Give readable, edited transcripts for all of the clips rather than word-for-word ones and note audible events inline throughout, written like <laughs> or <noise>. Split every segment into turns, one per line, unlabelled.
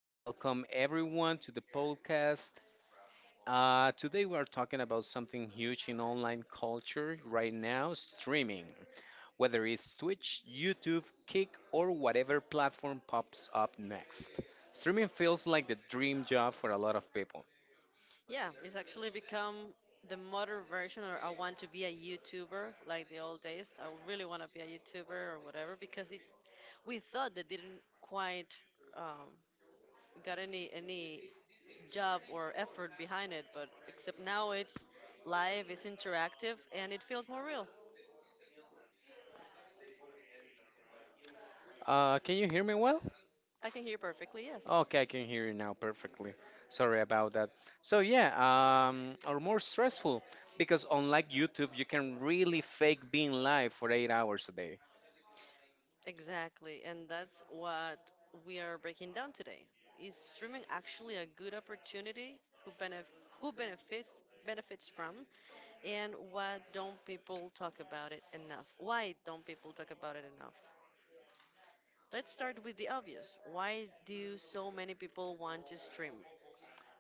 and welcome everyone to the podcast. Today we are talking about something huge in online culture right now streaming, whether it's Twitch, YouTube, Kick, or whatever platform pops up next. Streaming feels like the dream job for a lot of people.
yeah, it's actually become the modern version, or I want to be a YouTuber like the old days. I really want to be a YouTuber or whatever because it we thought that didn't quite um, got any job or effort behind it, but except now it's live, it's interactive, and it feels more real.
Can you hear me well?
I can hear perfectly, yes.
Okay, I can hear you now perfectly. Sorry about that. So yeah, or more stressful because unlike YouTube, you can really fake being live for 8 hours a day.
Exactly, and that's what we are breaking down today. Is streaming actually a good opportunity? Who benef who benefits from? And why don't people talk about it enough? Why don't people talk about it enough? Let's start with the obvious. Why do so many people want to stream?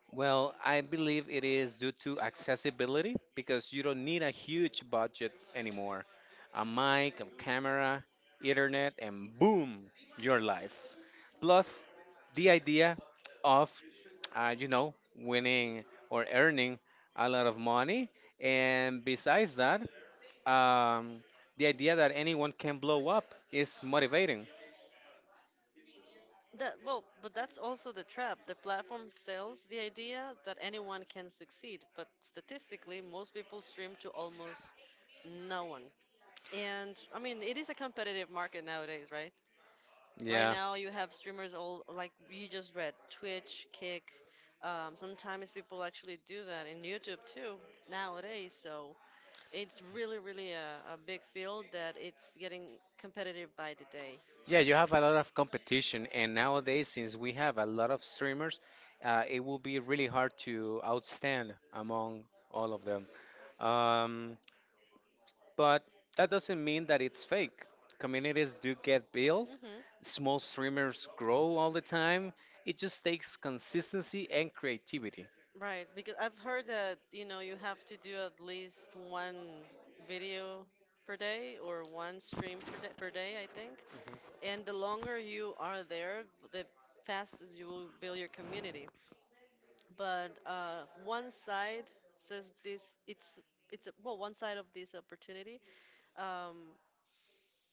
Well, I believe it is due to accessibility because you don't need a huge budget anymore. A mic, a camera, internet, and boom, your life. Plus, the idea of winning or earning a lot of money. And besides that, um, the idea that anyone can blow up is motivating.
But that's also the trap. The platform sells the idea that anyone can succeed, but statistically, most people stream to almost no one. And I mean, it is a competitive market nowadays, right? Right
Yeah.
now, you have streamers all like you just read Twitch, Kick. Sometimes people actually do that in YouTube too nowadays. So it's really a big field that it's getting competitive by the day.
Yeah, you have a lot of competition, and nowadays, since we have a lot of streamers, it will be really hard to outstand among all of them. Um, but that doesn't mean that it's fake. Communities do get built,
Hmm
small streamers grow all the time. It just takes consistency and creativity.
Right, because I've heard that you know you have to do at least one video per day or one stream per day, I think. And the longer you are there, the fastest you will build your community. But one side says this it's well one side of this opportunity um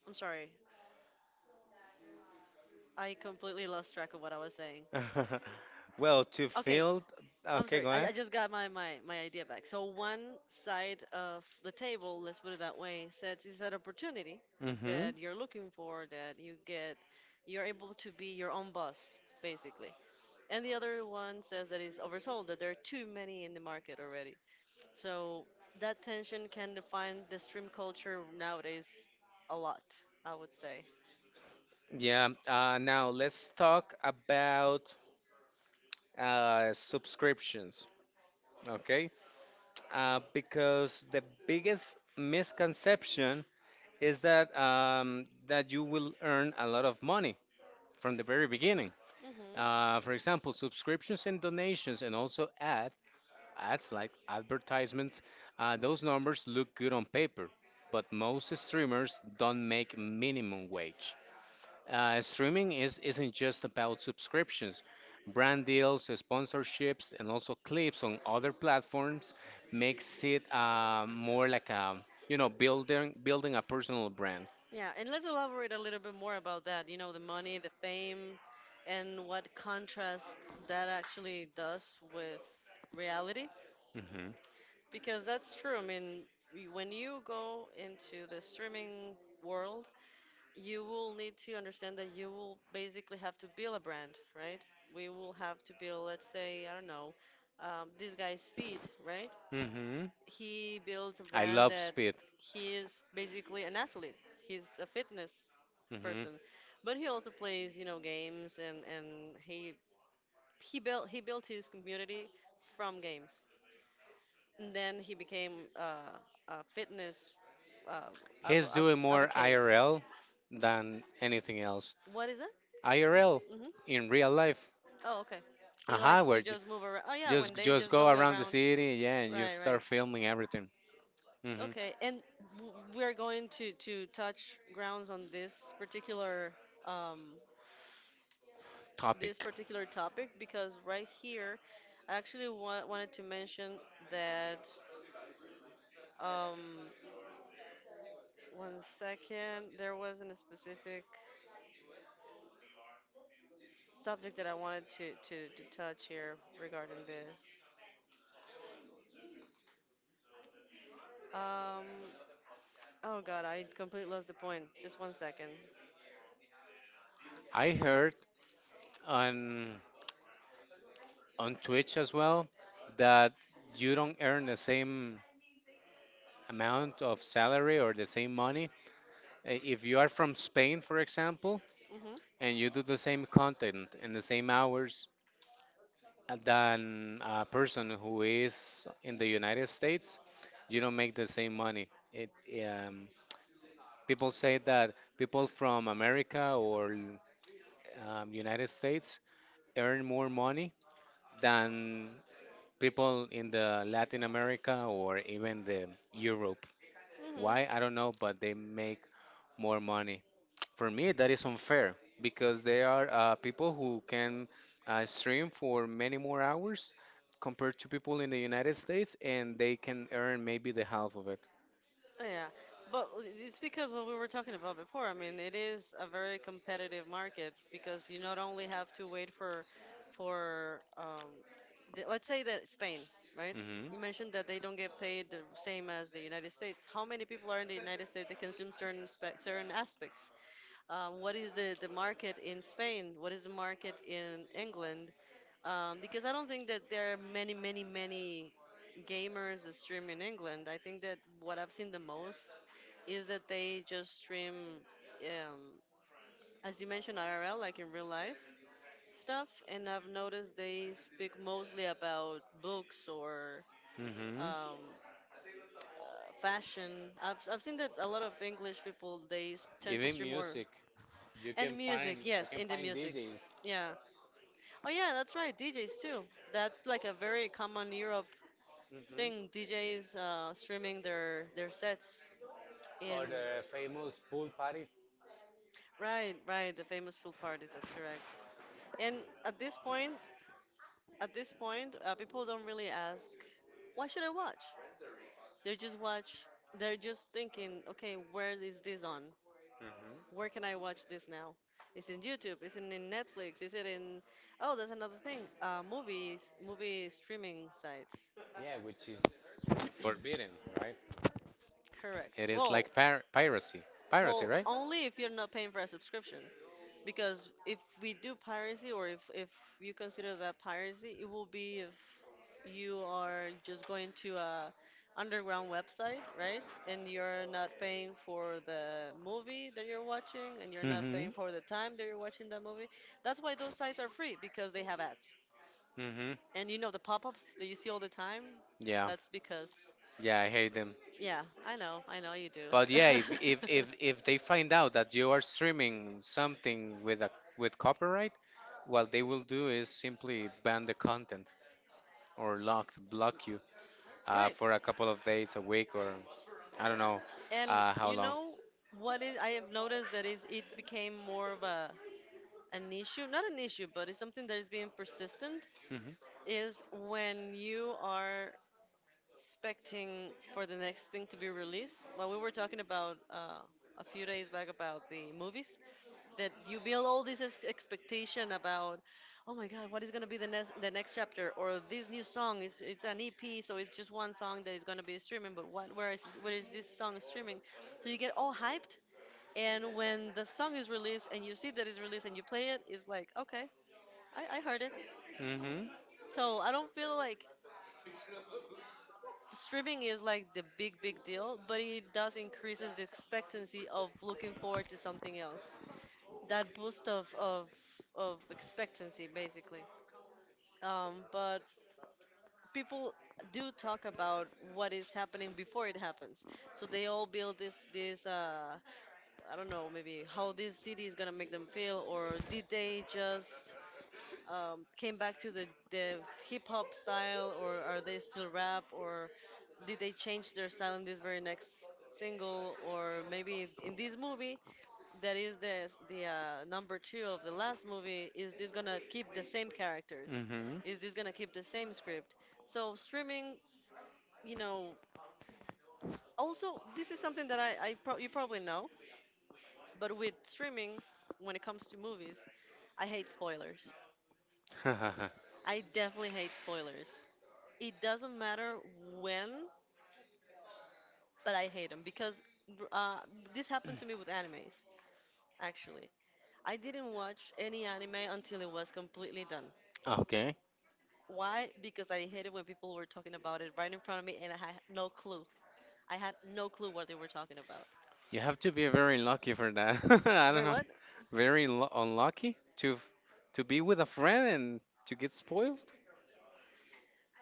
I'm sorry, I completely lost track of what I was saying.
<laughs> Well, to
Okay.
field.
I'm
Okay,
sorry,
go ahead.
I just got my idea back. So one side of the table, let's put it that way, says is that opportunity
Mm-hmm.
that you're looking for that you get, you're able to be your own boss basically, and the other one says that it's oversold, that there are too many in the market already. So that tension can define the stream culture nowadays a lot, I would say.
Yeah. Now let's talk about subscriptions. Okay. Because the biggest misconception is that you will earn a lot of money from the very beginning.
Hmm
For example, subscriptions and donations, and also ads. Ads like advertisements, those numbers look good on paper, but most streamers don't make minimum wage. Streaming isn't just about subscriptions. Brand deals, sponsorships, and also clips on other platforms makes it more like a you know building a personal brand.
Yeah, and let's elaborate a little bit more about that. You know, the money, the fame, and what contrast that actually does with reality.
Hmm
Because that's true. I mean, when you go into the streaming world, you will need to understand that you will basically have to build a brand, right? We will have to build, let's say, I don't know, this guy Speed, right?
hmm
He builds a
I
brand
love
that
Speed.
he is basically an athlete. He's a fitness
Hmm
person, but he also plays, you know, games and he built his community from games. And then he became uh, a fitness uh,
He's doing more
advocate.
IRL than anything else.
What is that?
IRL
Hmm
in real life.
Oh, okay. He
Aha,
likes
where
to
you
just move around. Oh, yeah,
just
when they
just
just
go
go
around the
around.
city, yeah, and you
Right, right.
start filming everything. Hmm
Okay, and we are going to touch grounds on um this
Topic.
particular topic because right here, I actually wanted to mention that um one second there wasn't a specific subject that I wanted to touch here regarding this. Um, oh God, I completely lost the point. Just one second.
I heard on on Twitch as well that you don't earn the same amount of salary or the same money if you are from Spain, for example,
Mm-hmm.
and you do the same content in the same hours than a person who is in the United States, you don't make the same money. It um, People say that people from America or United States earn more money than people in the Latin America or even the Europe. Why?
Mm-hmm.
I don't know, but they make more money. For me, that is unfair because there are people who can stream for many more hours compared to people in the United States, and they can earn maybe the half of it.
Oh, yeah, but it's because what we were talking about before. I mean, it is a very competitive market because you not only have to wait for let's say that Spain, right?
Mm-hmm.
You mentioned that they don't get paid the same as the United States. How many people are in the United States that consume certain spe certain aspects? What is the market in Spain, what is the market in England, because I don't think that there are many gamers that stream in England. I think that what I've seen the most is that they just stream, um, as you mentioned, IRL, like in real life stuff, and I've noticed they speak mostly about books or
Mm-hmm.
um, fashion. I've seen that a lot of English people tend to stream more.
music, you
And music, yes, indie music.
DJs
Yeah. Oh yeah, that's right. DJs too. That's like a very common Europe thing.
mm-hmm.
DJs streaming their sets in
or the famous pool parties.
right, right. The famous pool parties. That's correct. And at this point, at this point, people don't really ask, why should I watch? They just watch. They're just thinking, okay, where is this on?
Mm-hmm.
Where can I watch this now? Is it in YouTube? Is it in Netflix? Is it in— oh, there's another thing. Movie streaming sites.
Yeah, which is forbidden, right?
Correct.
It is
Well,
like piracy, piracy,
well,
right?
only if you're not paying for a subscription. Because if we do piracy, or if you consider that piracy, it will be if you are just going to a underground website, right? And you're not paying for the movie that you're watching, and you're not paying
Mm-hmm.
for the time that you're watching that movie.
it.
That's why those sites are free because they have ads.
Mm-hmm.
And you know the pop-ups that you see all the time,
Yeah.
that's because,
Yeah, I hate them.
yeah, I know you do.
But yeah, if they find out that you are streaming something with a with copyright, what they will do is simply ban the content or lock block you for
<laughs>
a couple of days, a week, or I don't know
And
how
you
long.
know what is I have noticed that is it became more of a an issue, not an issue, but it's something that is being persistent
Mm-hmm.
is when you are expecting for the next thing to be released. Well, we were talking about a few days back about the movies that you build all this expectation about, oh my God, what is gonna be the next chapter or this new song is it's an EP, so it's just one song that is gonna be streaming, but what where is this song streaming? So you get all hyped and when the song is released and you see that it's released and you play it, it's like, okay, I heard it.
Mm-hmm.
So I don't feel like streaming is like the big deal, but it does increases the expectancy of looking forward to something else. That boost of expectancy, basically. But people do talk about what is happening before it happens. So they all build this I don't know, maybe how this city is gonna make them feel, or did they just came back to the hip hop style, or are they still rap, or did they change their style in this very next single, or maybe in this movie that is the number two of the last movie? Is this gonna keep the same characters? Is this gonna keep the same script? So streaming, you know. Also, this is something that you probably know, but with streaming, when it comes to movies, I hate spoilers.
Mm-hmm.
I definitely hate spoilers. It doesn't matter when, but I hate them because uh, this happened to me with animes, actually. I didn't watch any anime until it was completely done.
<laughs> Okay.
Why? Because I hated when people were talking about it right in front of me and I had no clue. I had no clue what they were talking about.
You have to be very lucky for that. <laughs> I don't
But
know.
what?
Unlucky to to be with a friend and to get spoiled.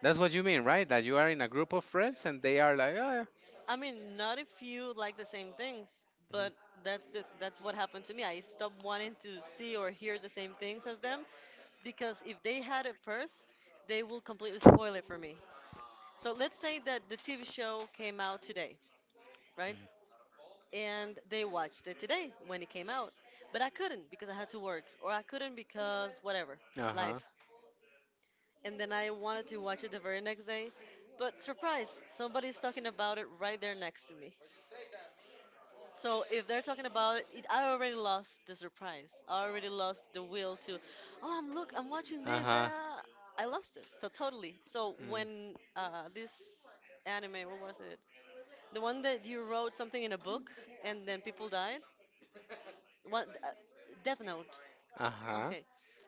That's what you mean, right? That you are in a group of friends and they are like, oh,
I mean, not if you like the same things, but that's what happened to me. I stopped wanting to see or hear the same things as them because if they had it first, they will completely spoil it for me. So let's say that the TV show came out today, right? And they watched it today when it came out. But I couldn't because I had to work, or I couldn't because whatever,
yeah. uh-huh,
life. And then I wanted to watch it the very next day. But surprise, somebody's talking about it right there next to me. So if they're talking about it, I already lost the surprise. I already lost the will to, oh, I'm watching this.
uh-huh,
I lost it so totally. So
mm,
when this anime, what was it? The one that you wrote something in a book and then people died? What? Death Note.
uh-huh,
Okay.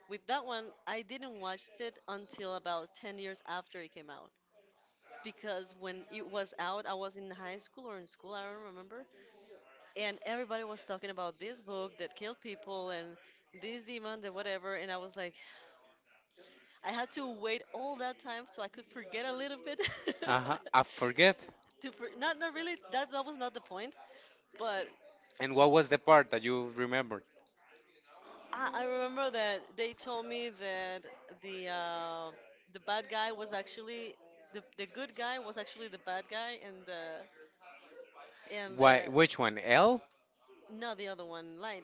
With that one, I didn't watch it until about 10 years after it came out. Because when it was out, I was in high school or in school, I don't remember. And everybody was talking about this book that killed people and this demon and whatever. And I was like, I had to wait all that time so I could forget a little bit.
uh-huh. I forget.
<laughs> Not, not really, that, that was not the point. But
And what was the part that you remembered?
I remember that they told me that the uh, the bad guy was actually the good guy was actually the bad guy and
Why?
the
Which one? L?
not the other one light.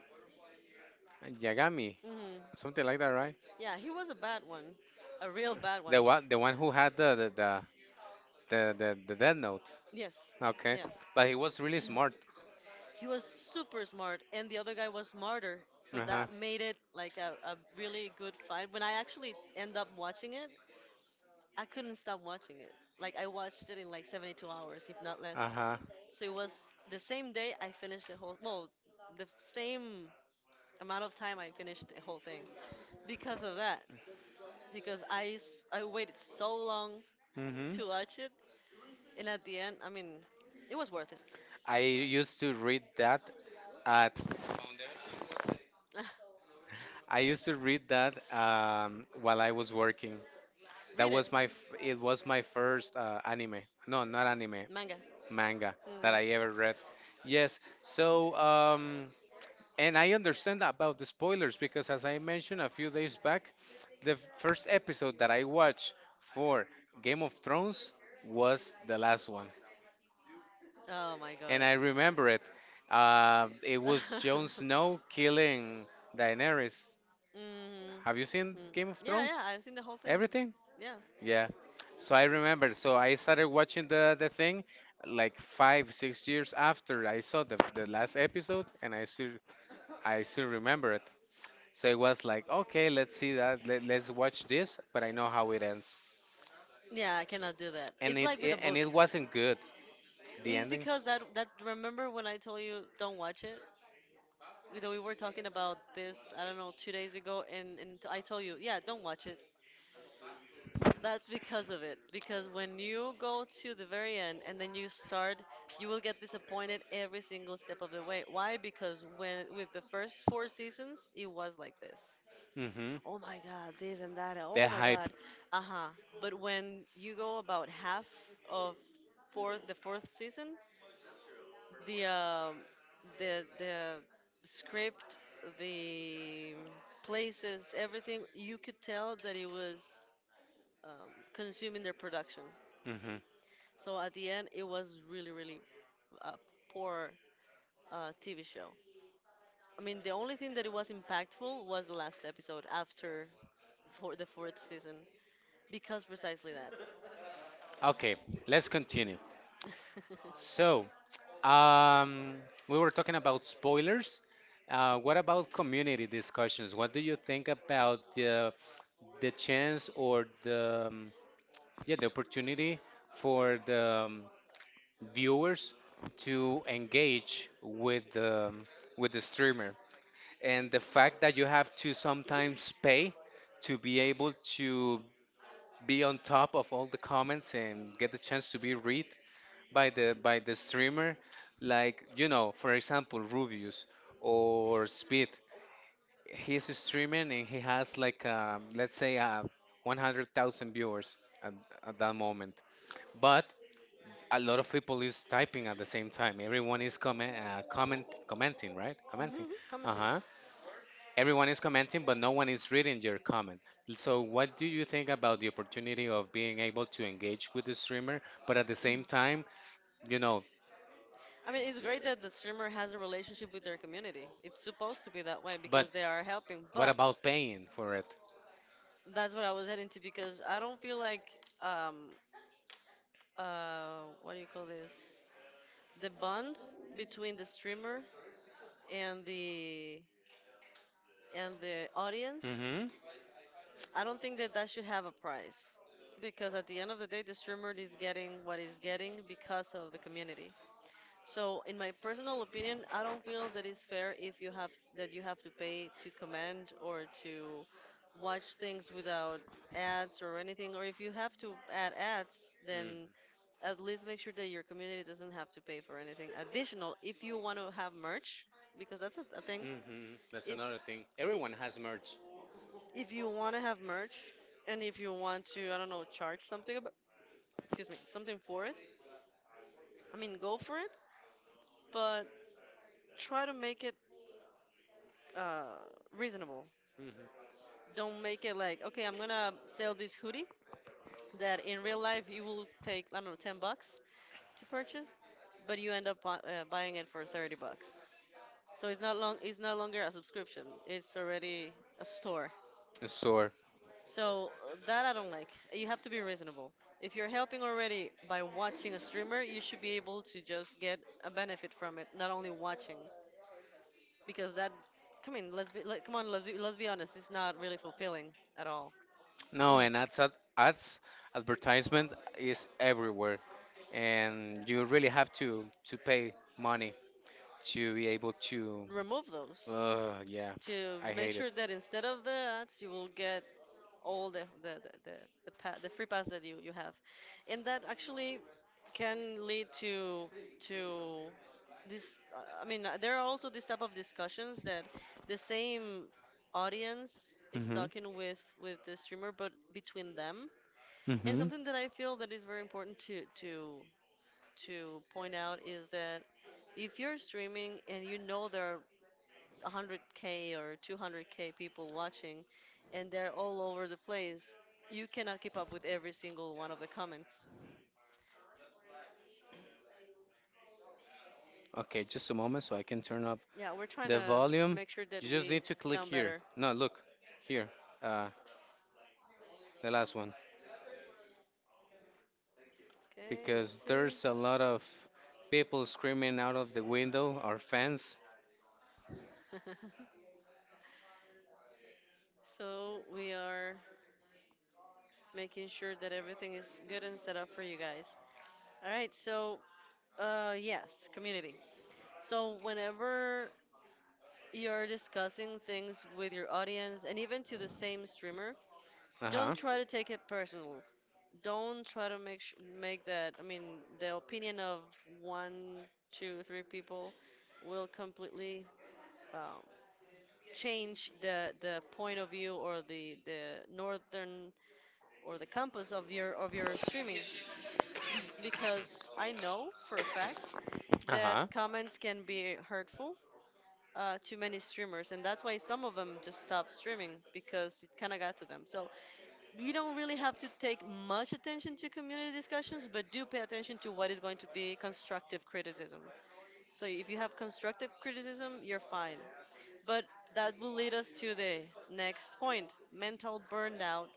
Yagami?
Hmm
Something like that, right?
Yeah, he was a bad one, a real bad one.
The one who had the Death Note.
Yes,
Okay,
yeah,
but he was really smart.
he was super smart, and the other guy was smarter, so
Uh-huh,
that made it like a really good fight. When I actually end up watching it, I couldn't stop watching it. Like I watched it in like 72 hours, if not less.
uh-huh.
So it was the same day I finished the whole, well, the same amount of time I finished the whole thing because of that. Because I waited so long
Mm-hmm.
to watch it, and at the end, I mean, it was worth it.
I used to read that at
<laughs>
I used to read that while I was working. That
Read
was
it,
my first anime. No, not anime,
manga.
manga that
Mm.
I ever read. Yes. So and I understand about the spoilers because as I mentioned a few days back, the first episode that I watched for Game of Thrones was the last one.
Oh my god.
And I remember it. It
<laughs>
was
hmm
Jon Snow killing Daenerys. Have you seen
hmm
Game of
Yeah,
Thrones?
yeah, I've seen the whole thing.
Everything?
Yeah.
Yeah. So I remember. So I started watching the thing like 5, 6 years after I saw the last episode, and I still remember it. So it was like, okay, let's see that. Let's watch this, but I know how it ends.
Yeah, I cannot do that.
And
It's
it,
like with a
it and
book.
it wasn't good. The
It's
ending.
because that remember when I told you don't watch it? You know, we were talking about this, I don't know, 2 days ago, and, I told you, yeah, don't watch it. That's because of it. Because when you go to the very end and then you start, you will get disappointed every single step of the way. Why? Because when with the first four seasons, it was like this.
Mm-hmm.
Oh my God, this and that.
The
Oh my
hype.
God. Uh-huh. But when you go about half of fourth, the fourth season, the um, the script, the places, everything, you could tell that it was consuming their production.
Mm-hmm.
So at the end, it was really, really a poor TV show. I mean, the only thing that it was impactful was the last episode after for the fourth season, because precisely that.
Okay, let's continue.
<laughs>
So Um, we were talking about spoilers. What about community discussions? What do you think about the chance or the yeah the opportunity for the viewers to engage with the with the streamer and the fact that you have to sometimes pay to be able to be on top of all the comments and get the chance to be read by the streamer, like you know, for example, Rubius or Speed. He's streaming and he has like let's say 100,000 viewers at that moment, but a lot of people is typing at the same time, everyone is commenting, right, commenting
Mhm, commenting.
uh-huh. Everyone is commenting, but no one is reading your comment. So what do you think about the opportunity of being able to engage with the streamer but at the same time, you know,
I mean, it's great that the streamer has a relationship with their community. It's supposed to be that way
but
because they are helping.
what
But
about paying for it?
that's what I was heading to because I don't feel like um what do you call this? The bond between the streamer and the audience.
Mm-hmm.
I don't think that that should have a price because at the end of the day, the streamer is getting what he's getting because of the community. So, in my personal opinion, I don't feel that it's fair if you have that you have to pay to comment or to watch things without ads or anything. Or if you have to add ads, then at least make sure that your community doesn't have to pay for anything additional. If you want to have merch, because that's a thing.
Mm-hmm. That's
If
another thing.
i-
Everyone has merch.
if you want to have merch and if you want to, I don't know, charge something about, excuse me, something for it. I mean, go for it, but try to make it uh, reasonable.
Mm-hmm.
Don't make it like, okay, I'm gonna sell this hoodie that in real life you will take, I don't know, 10 bucks to purchase, but you end up buying it for 30 bucks. So it's no longer a subscription. It's already a store.
Store.
So that I don't like. You have to be reasonable. If you're helping already by watching a streamer, you should be able to just get a benefit from it, not only watching, because that, come on, let's be honest, it's not really fulfilling at all.
No, and ads advertisement is everywhere, and you really have to pay money to be able to.
Remove those.
Yeah,
To
I
make
hate it.
sure that instead of the ads, you will get all the free pass that you have, and that actually can lead to this. I mean, there are also this type of discussions that the same audience is
Mm-hmm.
talking with the streamer, but between them. And
Mm-hmm.
something that I feel that is very important to to point out is that if you're streaming and you know there are 100k or 200k people watching and they're all over the place you cannot keep up with every single one of the comments.
Okay, just a moment so I can turn up
Yeah, we're trying
the
to
volume,
make sure that
you just
we
need to click
sound
here.
better.
No, look here, uh, the last one,
Okay, let's
because
see.
there's a lot of people screaming out of the window, or fans.
<laughs> So we are making sure that everything is good and set up for you guys. All right, so yes, community. So whenever you're discussing things with your audience and even to the same streamer,
Uh
don't
huh.
try to take it personal, don't try to make sh- make that. I mean, the opinion of one, two, three people will completely um, change the point of view or the northern or the compass of your streaming, <clears throat> because I know for a fact
Uh
that
huh.
comments can be hurtful. To many streamers, and that's why some of them just stopped streaming because it kind of got to them. So, you don't really have to take much attention to community discussions, but do pay attention to what is going to be constructive criticism. So if you have constructive criticism, you're fine. But that will lead us to the next point, mental burnout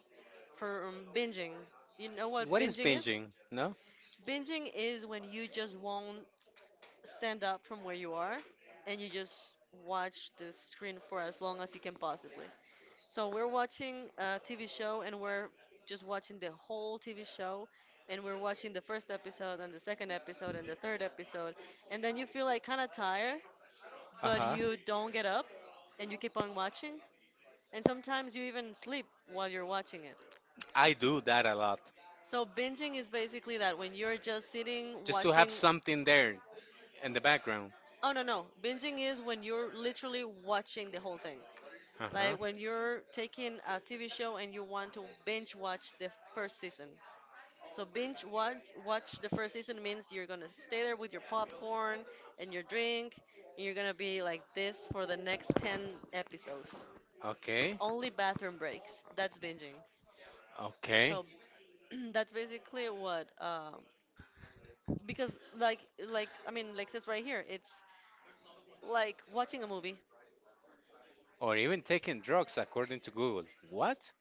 from binging. You know what
What is
binging is?
binging? No?
Binging is when you just won't stand up from where you are and you just watch the screen for as long as you can possibly. So we're watching a TV show and we're just watching the whole TV show and we're watching the first episode and the second episode and the third episode and then you feel like kind of tired
Uh
but
huh.
you don't get up and you keep on watching and sometimes you even sleep while you're watching it.
I do that a lot.
So binging is basically that, when you're just sitting
Just to
watching.
have something there in the background.
Oh no no, binging is when you're literally watching the whole thing.
Uh huh.
Like when you're taking a TV show and you want to binge watch the first season. So binge watch watch the first season means you're gonna stay there with your popcorn and your drink, and you're gonna be like this for the next 10 episodes.
Okay.
Only bathroom breaks. That's binging.
Okay.
So <clears throat> that's basically what. Because I mean like this right here, it's like watching a movie.
Or even taking drugs according to Google. What?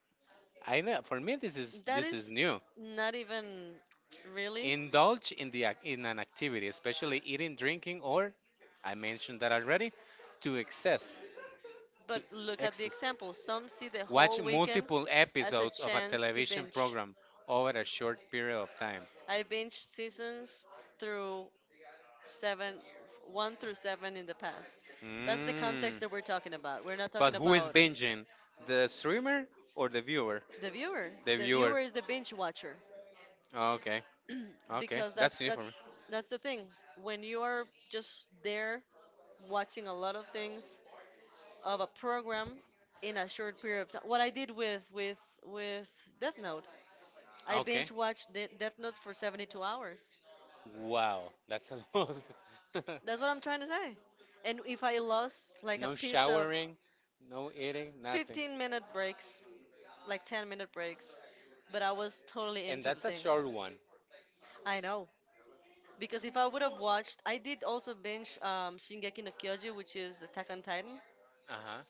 I know for me
That
this is
is
new.
not even really.
Indulge in in an activity, especially eating, drinking, or I mentioned that already, to excess, to
But look at the
excess.
example. Some see the
Watch
whole weekend
multiple
as a
episodes of a
chance to
television
binge.
program over a short period of time.
I binged seasons through seven, one through seven in the past. That's the
Mm.
context that we're talking about. We're not
But
talking
who is
about
binging? The streamer or the viewer?
the viewer.
The
The
viewer.
viewer is the binge watcher
Okay. Okay.
because
That's new for me.
that's the thing. When you are just there watching a lot of things of a program in a short period of time, what I did with Death Note, I
Okay.
binge watched Death Note for 72 hours.
Wow, that's a <laughs> lot.
That's what I'm trying to say. And if I lost like a
No
piece of
showering, no eating, nothing.
15-minute breaks, like 10-minute breaks, but I was totally
And
into the
that's a
thing.
short one.
I know. Because if I would have watched, I did also binge Shingeki no Kyoji, which is Attack on Titan.
Uh huh.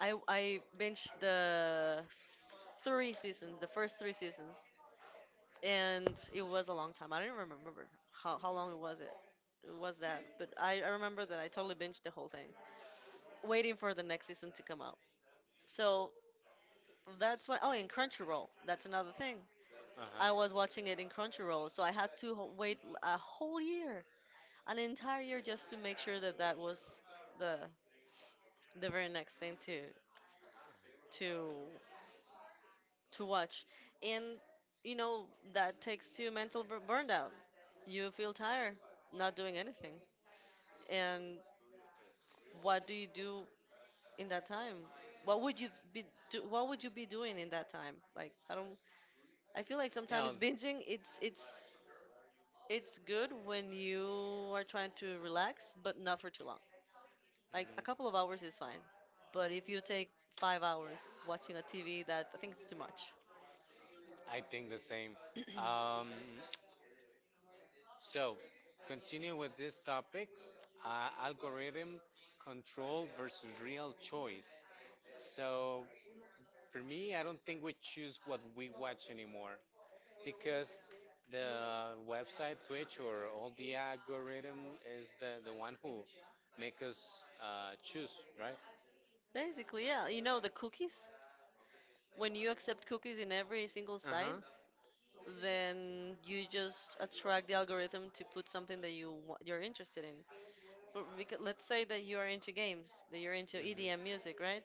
I binged the 3 seasons, the first 3 seasons, and it was a long time. I don't even remember how long it it was that, but I remember that I totally binged the whole thing, waiting for the next season to come out. So that's what. Oh, and Crunchyroll, that's another thing.
Uh huh.
I was watching it in Crunchyroll, so I had to wait a whole year, an entire year, just to make sure that that was the the very next thing to to watch. And you know that takes you mental burnout. You feel tired, not doing anything. And what do you do in that time? What would you be What would you be doing in that time? Like I don't. I feel like
Yeah.
sometimes
Mhm.
binging it's good when you are trying to relax, but not for too long. Like a couple of hours is fine. But if you take 5 hours watching a TV, that I think it's too much.
I think the same.
<clears throat>
Um, so, Continue with this topic algorithm control versus real choice. So for me, I don't think we choose what we watch anymore because the website, Twitch, or all the algorithm is the one who make us choose, right?
Basically, yeah, you know the cookies. When you accept cookies in every single
Uh
site,
huh.
then you just attract the algorithm to put something that you're interested in. But let's say that you are into games, that you're into EDM music, right?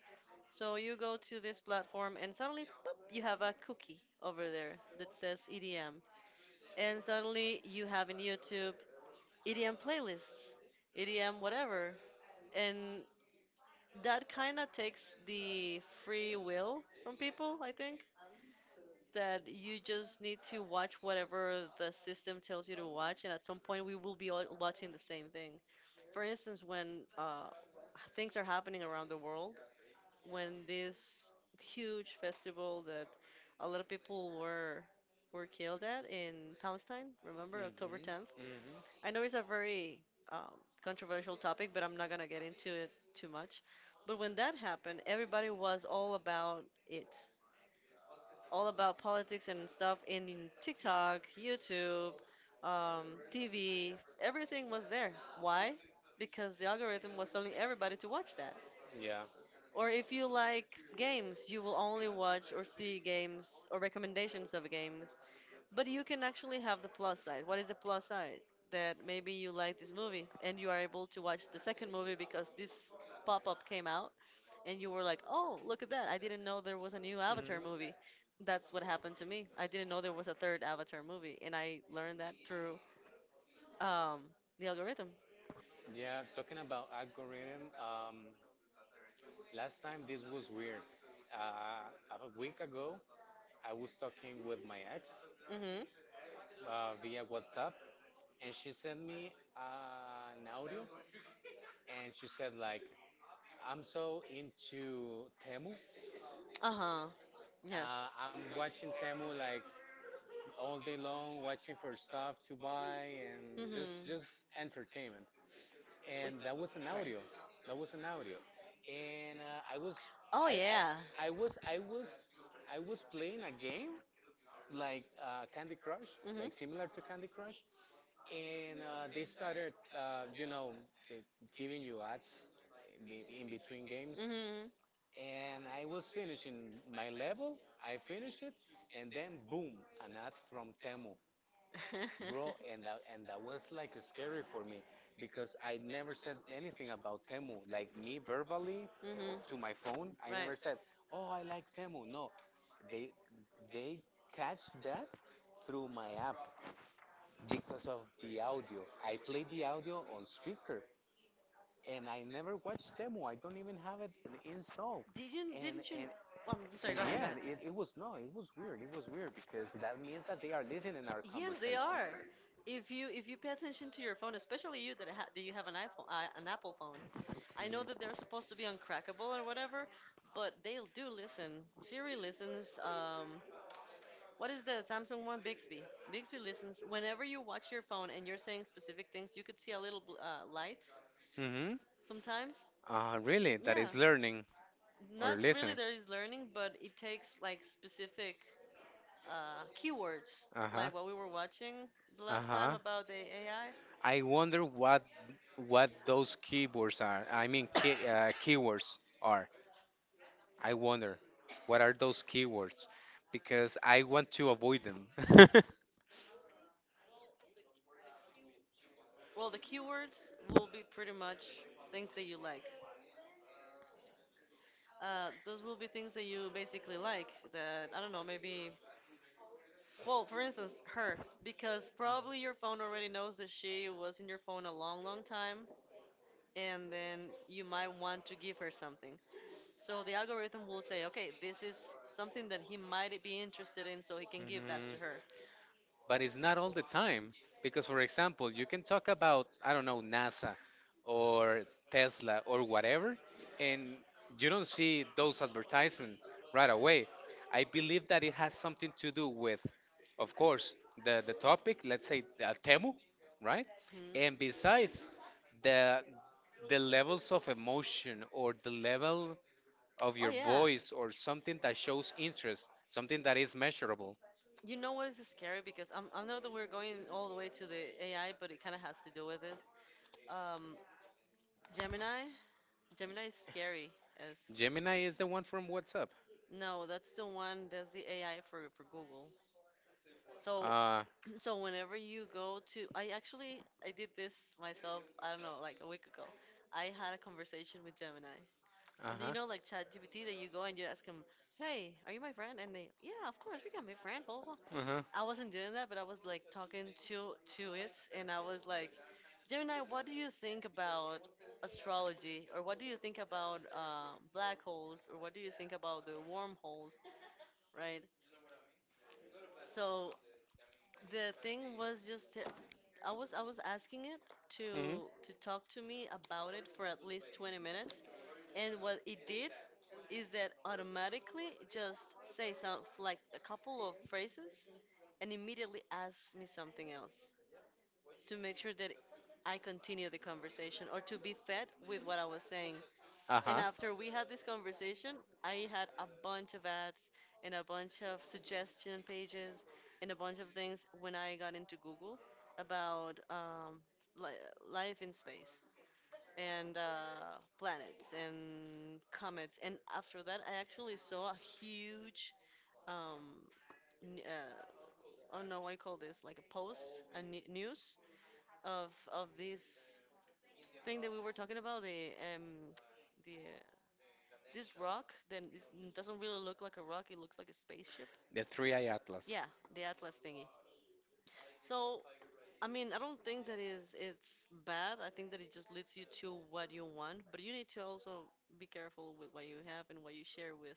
So you go to this platform and suddenly, pop, you have a cookie over there that says EDM, and suddenly you have in YouTube EDM playlists, EDM whatever, and that kind of takes the free will from people, I think. That you just need to watch whatever the system tells you to watch, and at some point we will be all watching the same thing. For instance, when things are happening around the world, when this huge festival that a lot of people were killed at in Palestine, remember October
Mhm.
10th.
Mhm.
I know it's a very controversial topic, but I'm not gonna get into it too much. But when that happened, everybody was all about it, all about politics and stuff in TikTok, YouTube, um, TV. Everything was there. Why? Because the algorithm was telling everybody to watch that.
Yeah.
Or if you like games, you will only watch or see games or recommendations of games but you can actually have the plus side. What is the plus side? That maybe you like this movie and you are able to watch the second movie because this pop-up came out and you were like, "Oh, look at that. I didn't know there was a new Avatar
Mhm.
movie." That's what happened to me. I didn't know there was a third Avatar movie and I learned that through um, the algorithm.
Yeah, talking about algorithm, last time this was weird. Uh, a week ago, I was talking with my ex,
Mm-hmm.
via WhatsApp, and she sent me an audio, and she said like, "I'm so into Temu.
Uh-huh. Yes.
I'm watching Temu like all day long, watching for stuff to buy and just
Mm-hmm.
just entertainment."
Wait,
And that was an
sorry.
audio. That was an audio, and I was
Oh
I,
yeah.
I was I was I was playing a game like Candy Crush,
Mm-hmm.
like similar to Candy Crush, and they started, you know, they giving you ads in between games.
Mm-hmm.
And I was finishing my level, I finished it, and then boom, an ad from Temu, bro, and
<laughs>
that was like scary for me because I never said anything about Temu, like me verbally
Mm-hmm.
to my phone. I
Right.
never said, "Oh, I like Temu." No, they they catch that through my app because of the audio. I played the audio on speaker and I never watched demo. I don't even have it installed.
Didn't
And
didn't you?
and,
I'm sorry.
and
Go ahead. Go
yeah,
ahead.
it was no, it was weird. It was weird because that means that they are listening our
Yes, they
conversations.
are. If you pay attention to your phone, especially you that ha that you have an iPhone, an Apple phone. I know that they're supposed to be uncrackable or whatever, but they do listen. Siri listens. What is the Samsung one? Bixby. Bixby listens. Whenever you watch your phone and you're saying specific things, you could see a little light
Mm-hmm. Mm-hmm.
sometimes.
Really? That
Yeah,
is learning or
not really
listening.
there is learning, but it takes like specific keywords,
Uh-huh.
like what we were watching the last time
Uh-huh.
about the AI.
I wonder what those keywords are. I mean, keywords are. I wonder what are those keywords because I want to avoid them. <laughs>
Well, the keywords will be pretty much things that you like. Those will be things that you basically like. That I don't know, maybe. Well, for instance, her, because probably your phone already knows that she was in your phone a long, long time, and then you might want to give her something. So the algorithm will say, okay, this is something that he might be interested in, so he can give that to
Mhm.
her.
But it's not all the time because, for example, you can talk about, I don't know, NASA or Tesla or whatever, and you don't see those advertisements right away. I believe that it has something to do with, of course, the topic, let's say, Temu, right,
Hmm.
and besides the the levels of emotion or the level of
Oh
your
yeah,
voice or something that shows interest, something that is measurable.
you know what is scary? Because I know that we're going all the way to the AI, but it kind of has to do with this. Um, Gemini, Gemini is scary as
Gemini is the one from WhatsApp.
no, that's the one that's the AI for Google. So
Uh,
<clears throat> so whenever you go to, I actually I did this myself. I don't know, like a week ago. I had a conversation with Gemini. You
uh-huh.
know, like ChatGPT, that you go and you ask him, "Hey, are you my friend?" And they, "Yeah, of course, we can be friends. Blah blah
Uh-huh.
blah." I wasn't doing that, but I was like talking to it, and I was like, Gemini, what do you think about astrology, or what do you think about black holes, or what do you think about the wormholes, right? So the thing was just, I was asking it to
hmm
to talk to me about it for at least 20 minutes, and what it did is that automatically just say some like a couple of phrases and immediately asks me something else, to make sure that I continue the conversation or to be fed with what I was saying. And
Uh-huh.
after we had this conversation, I had a bunch of ads and a bunch of suggestion pages and a bunch of things when I got into Google about li life in space and planets and comets. And after that, I actually saw a huge, um, n- uh, I don't know what you call this, like a post, a n news of this thing that we were talking about, the this rock that doesn't really look like a rock; it looks like a spaceship.
The three eye atlas.
Yeah, the Atlas thingy. So, I mean, I don't think that is it's bad. I think that it just leads you to what you want, but you need to also be careful with what you have and what you share with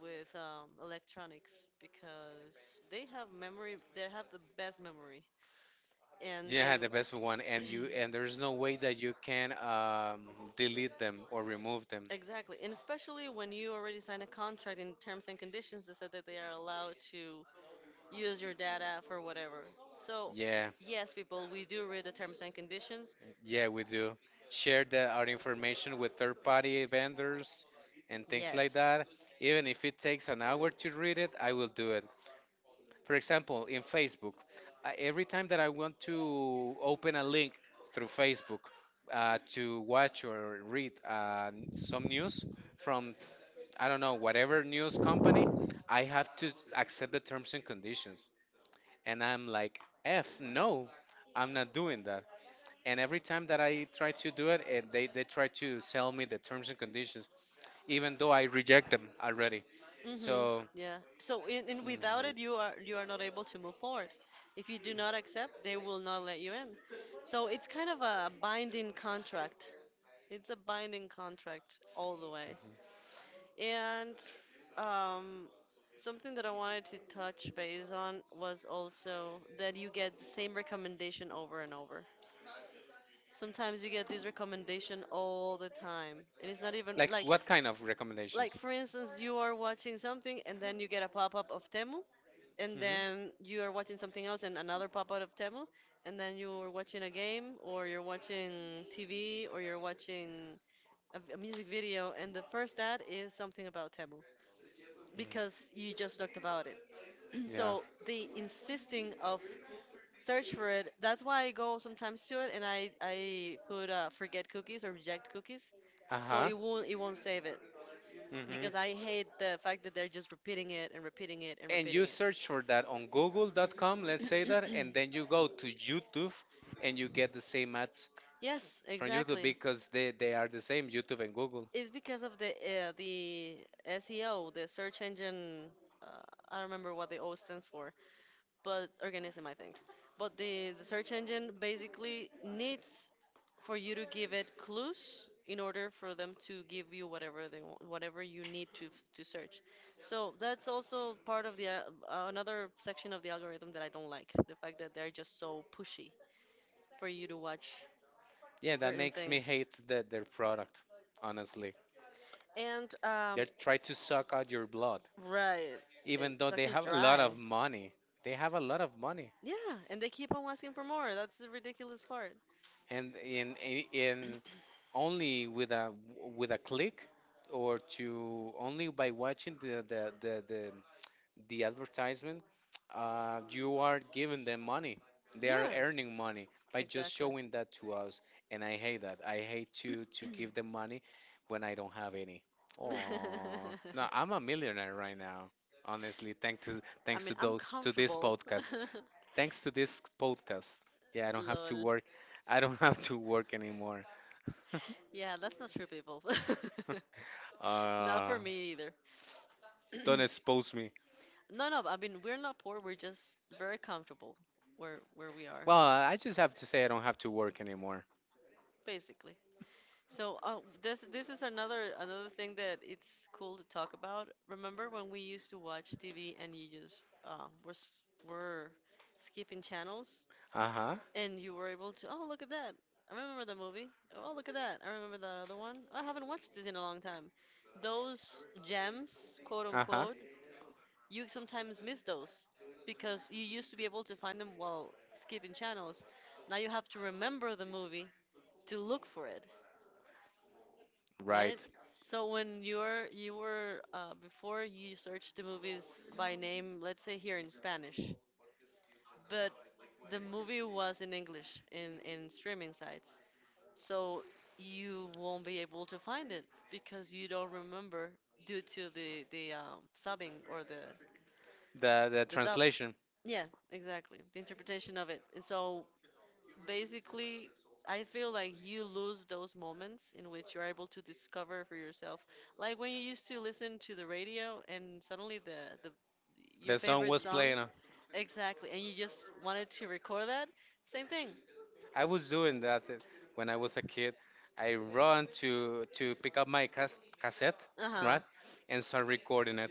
electronics because they have memory. They have the best memory, and
Yeah,
they
the best one, and
<clears throat>
you and there's no way that you can delete them or remove them.
exactly. And especially when you already signed a contract in terms and conditions that said that they are allowed to use your data for whatever. So,
Yeah,
yes, people, we do read the terms and conditions.
yeah, we do share our information with third-party vendors and things like that.
Yes.
Even if it takes an hour to read it, I will do it. For example, in Facebook, I, every time that I want to open a link through Facebook to watch or read some news from, I don't know, whatever news company, I have to accept the terms and conditions. And I'm like, F, no, I'm not doing that. And every time that I try to do it, and they try to sell me the terms and conditions, even though I reject them already.
Mm-hmm.
So,
Yeah. So, in without
mm,
it, you are not able to move forward. If you do not accept, they will not let you in. So, it's kind of a binding contract. It's a binding contract all the way. And um, something that I wanted to touch base on was also that you get the same recommendation over and over. Sometimes you get this recommendation all the time. It is not even
like what kind of recommendations?
like for instance, you are watching something and then you get a pop-up of Temu, and
Hmm.
then you are watching something else and another pop-up of Temu, and then you are watching a game or you're watching TV or you're watching a music video, and the first ad is something about Temu, because you just talked about it. <clears throat>
Yeah.
So the insisting of search for it, that's why I go sometimes to it and I put forget cookies or reject cookies. So
Uh-huh.
it won't save it
Hmm.
because I hate the fact that they're just repeating it and repeating it and
And you
repeating
search for that on google.com, let's say that, and
it.
then you go to YouTube and you get the same ads
<clears throat> Yes,
from YouTube
exactly.
because they are the same, YouTube and Google.
It's because of the SEO, the search engine. Uh, I don't remember what the O stands for, but organism, I think. But the search engine basically needs for you to give it clues in order for them to give you whatever they want, whatever you need to to search. So that's also part of the another section of the algorithm that I don't like, the fact that they're just so pushy for you to watch
Yeah, that
certain
makes me
things.
hate their product, honestly.
And
They try to suck out your blood,
right. And
even though
suck
they
you
have a lot
dry.
of money. They have a lot of money.
Yeah, and they keep on asking for more. That's the ridiculous part.
And in only with a click or to only by watching the advertisement, you are giving them money. They are
Yeah,
earning money by just
exactly.
showing that to us, and I hate that. I hate to give them money when I don't have any. Oh no,
<laughs>
I'm a millionaire right now, honestly, thanks to
I
thanks
mean,
to
I'm
those to this
comfortable.
podcast,
<laughs>
thanks to this podcast. Yeah, I don't have to
Lol.
work. I don't <laughs> have to work anymore. <laughs>
Yeah, that's not true, people. <laughs> Not
Uh,
for me either.
don't
<clears throat>
expose me.
No, no, I mean, we're not poor, we're just very comfortable where we are,
Well, I just have to say I don't have to work anymore.
basically. So, this this is another another thing that it's cool to talk about. Remember when we used to watch TV and you just were skipping channels?
Uh-huh.
And you were able to, oh, look at that. I remember the movie. Oh, look at that. I remember that other one. I haven't watched this in a long time. Those gems, quote
Uh-huh.
unquote, you sometimes miss those because you used to be able to find them while skipping channels. Now you have to remember the movie to look for it,
Right.
right? So when you're you were before you searched the movies by name, let's say here in Spanish, but the movie was in English in streaming sites. So you won't be able to find it because you don't remember due to the subbing or
The
the dub.
translation.
Yeah, exactly. The interpretation of it. And so basically, I feel like you lose those moments in which you're able to discover for yourself. Like when you used to listen to the radio and suddenly the your
The song
favorite
was
song,
playing.
exactly, and you just wanted to record that. Same thing.
I was doing that when I was a kid. I run to pick up my cassette,
Uh-huh.
right? And start recording it.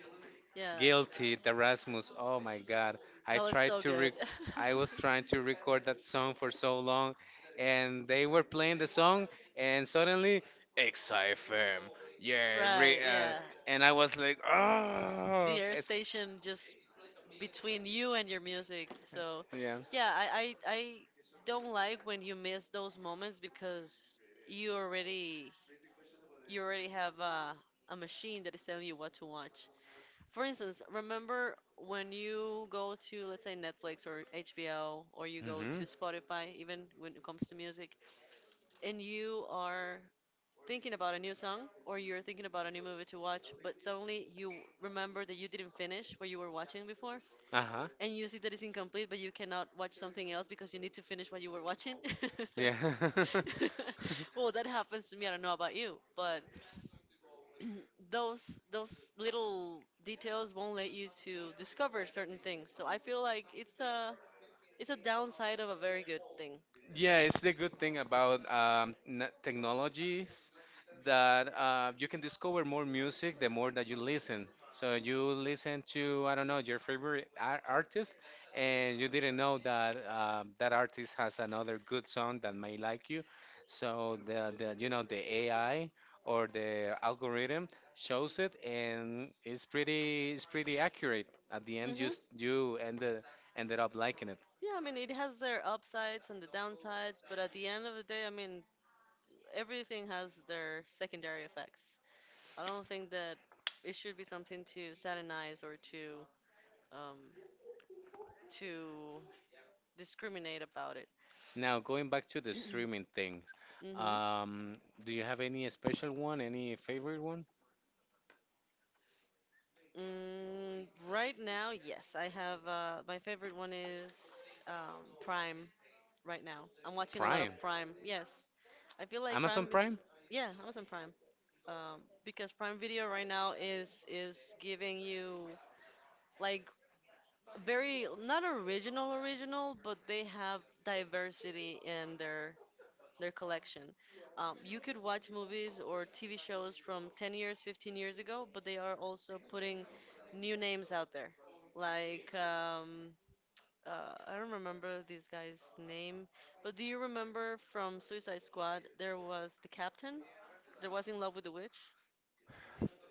Yeah.
Guilty, the Rasmus. Oh my God. I
That was
tried
so
to
good.
rec- I
<laughs>
was trying to record that song for so long and they were playing the song and suddenly XFM. Yeah, re-
Right,
uh,
yeah.
and I was like,
The
"Oh,
air
it's
station just between you and your music. So,
yeah."
yeah, I don't like when you miss those moments because you already have a machine that is telling you what to watch. For instance, remember when you go to let's say Netflix or HBO or you go to
Mhm.
Spotify even when it comes to music and you are thinking about a new song or you're thinking about a new movie to watch, but suddenly you remember that you didn't finish what you were watching before,
Uh-huh.
and you see that it's incomplete, but you cannot watch something else because you need to finish what you were watching.
Yeah.
<laughs>
<laughs>
Well, that happens to me. I don't know about you, but those little details won't let you to discover certain things. So I feel like it's a downside of a very good thing.
Yeah, it's the good thing about technologies that you can discover more music the more that you listen. So you listen to, I don't know, your favorite artist, and you didn't know that that artist has another good song that may like you. So, the you know the AI or the algorithm shows it, and it's pretty accurate. At the end,
Hmm.
you ended up liking it.
Yeah, I mean, it has their upsides and the downsides, but at the end of the day, I mean, everything has their secondary effects. I don't think that it should be something to satanize or um, to discriminate about it.
Now, going back to the streaming thing,
Hmm.
um, do you have any special one, any favorite one?
Mm, right now, yes, I have my favorite one is Prime. Right now, I'm watching a lot of
Prime.
Prime. Yes, I feel like
Amazon
Prime
Prime?
is yeah, Amazon Prime. Because Prime Video right now is giving you like very not original original, but they have diversity in their collection. You could watch movies or TV shows from 10 years, 15 years ago, but they are also putting new names out there. Like I don't remember this guy's name, but do you remember from Suicide Squad there was the captain There was in love with the witch?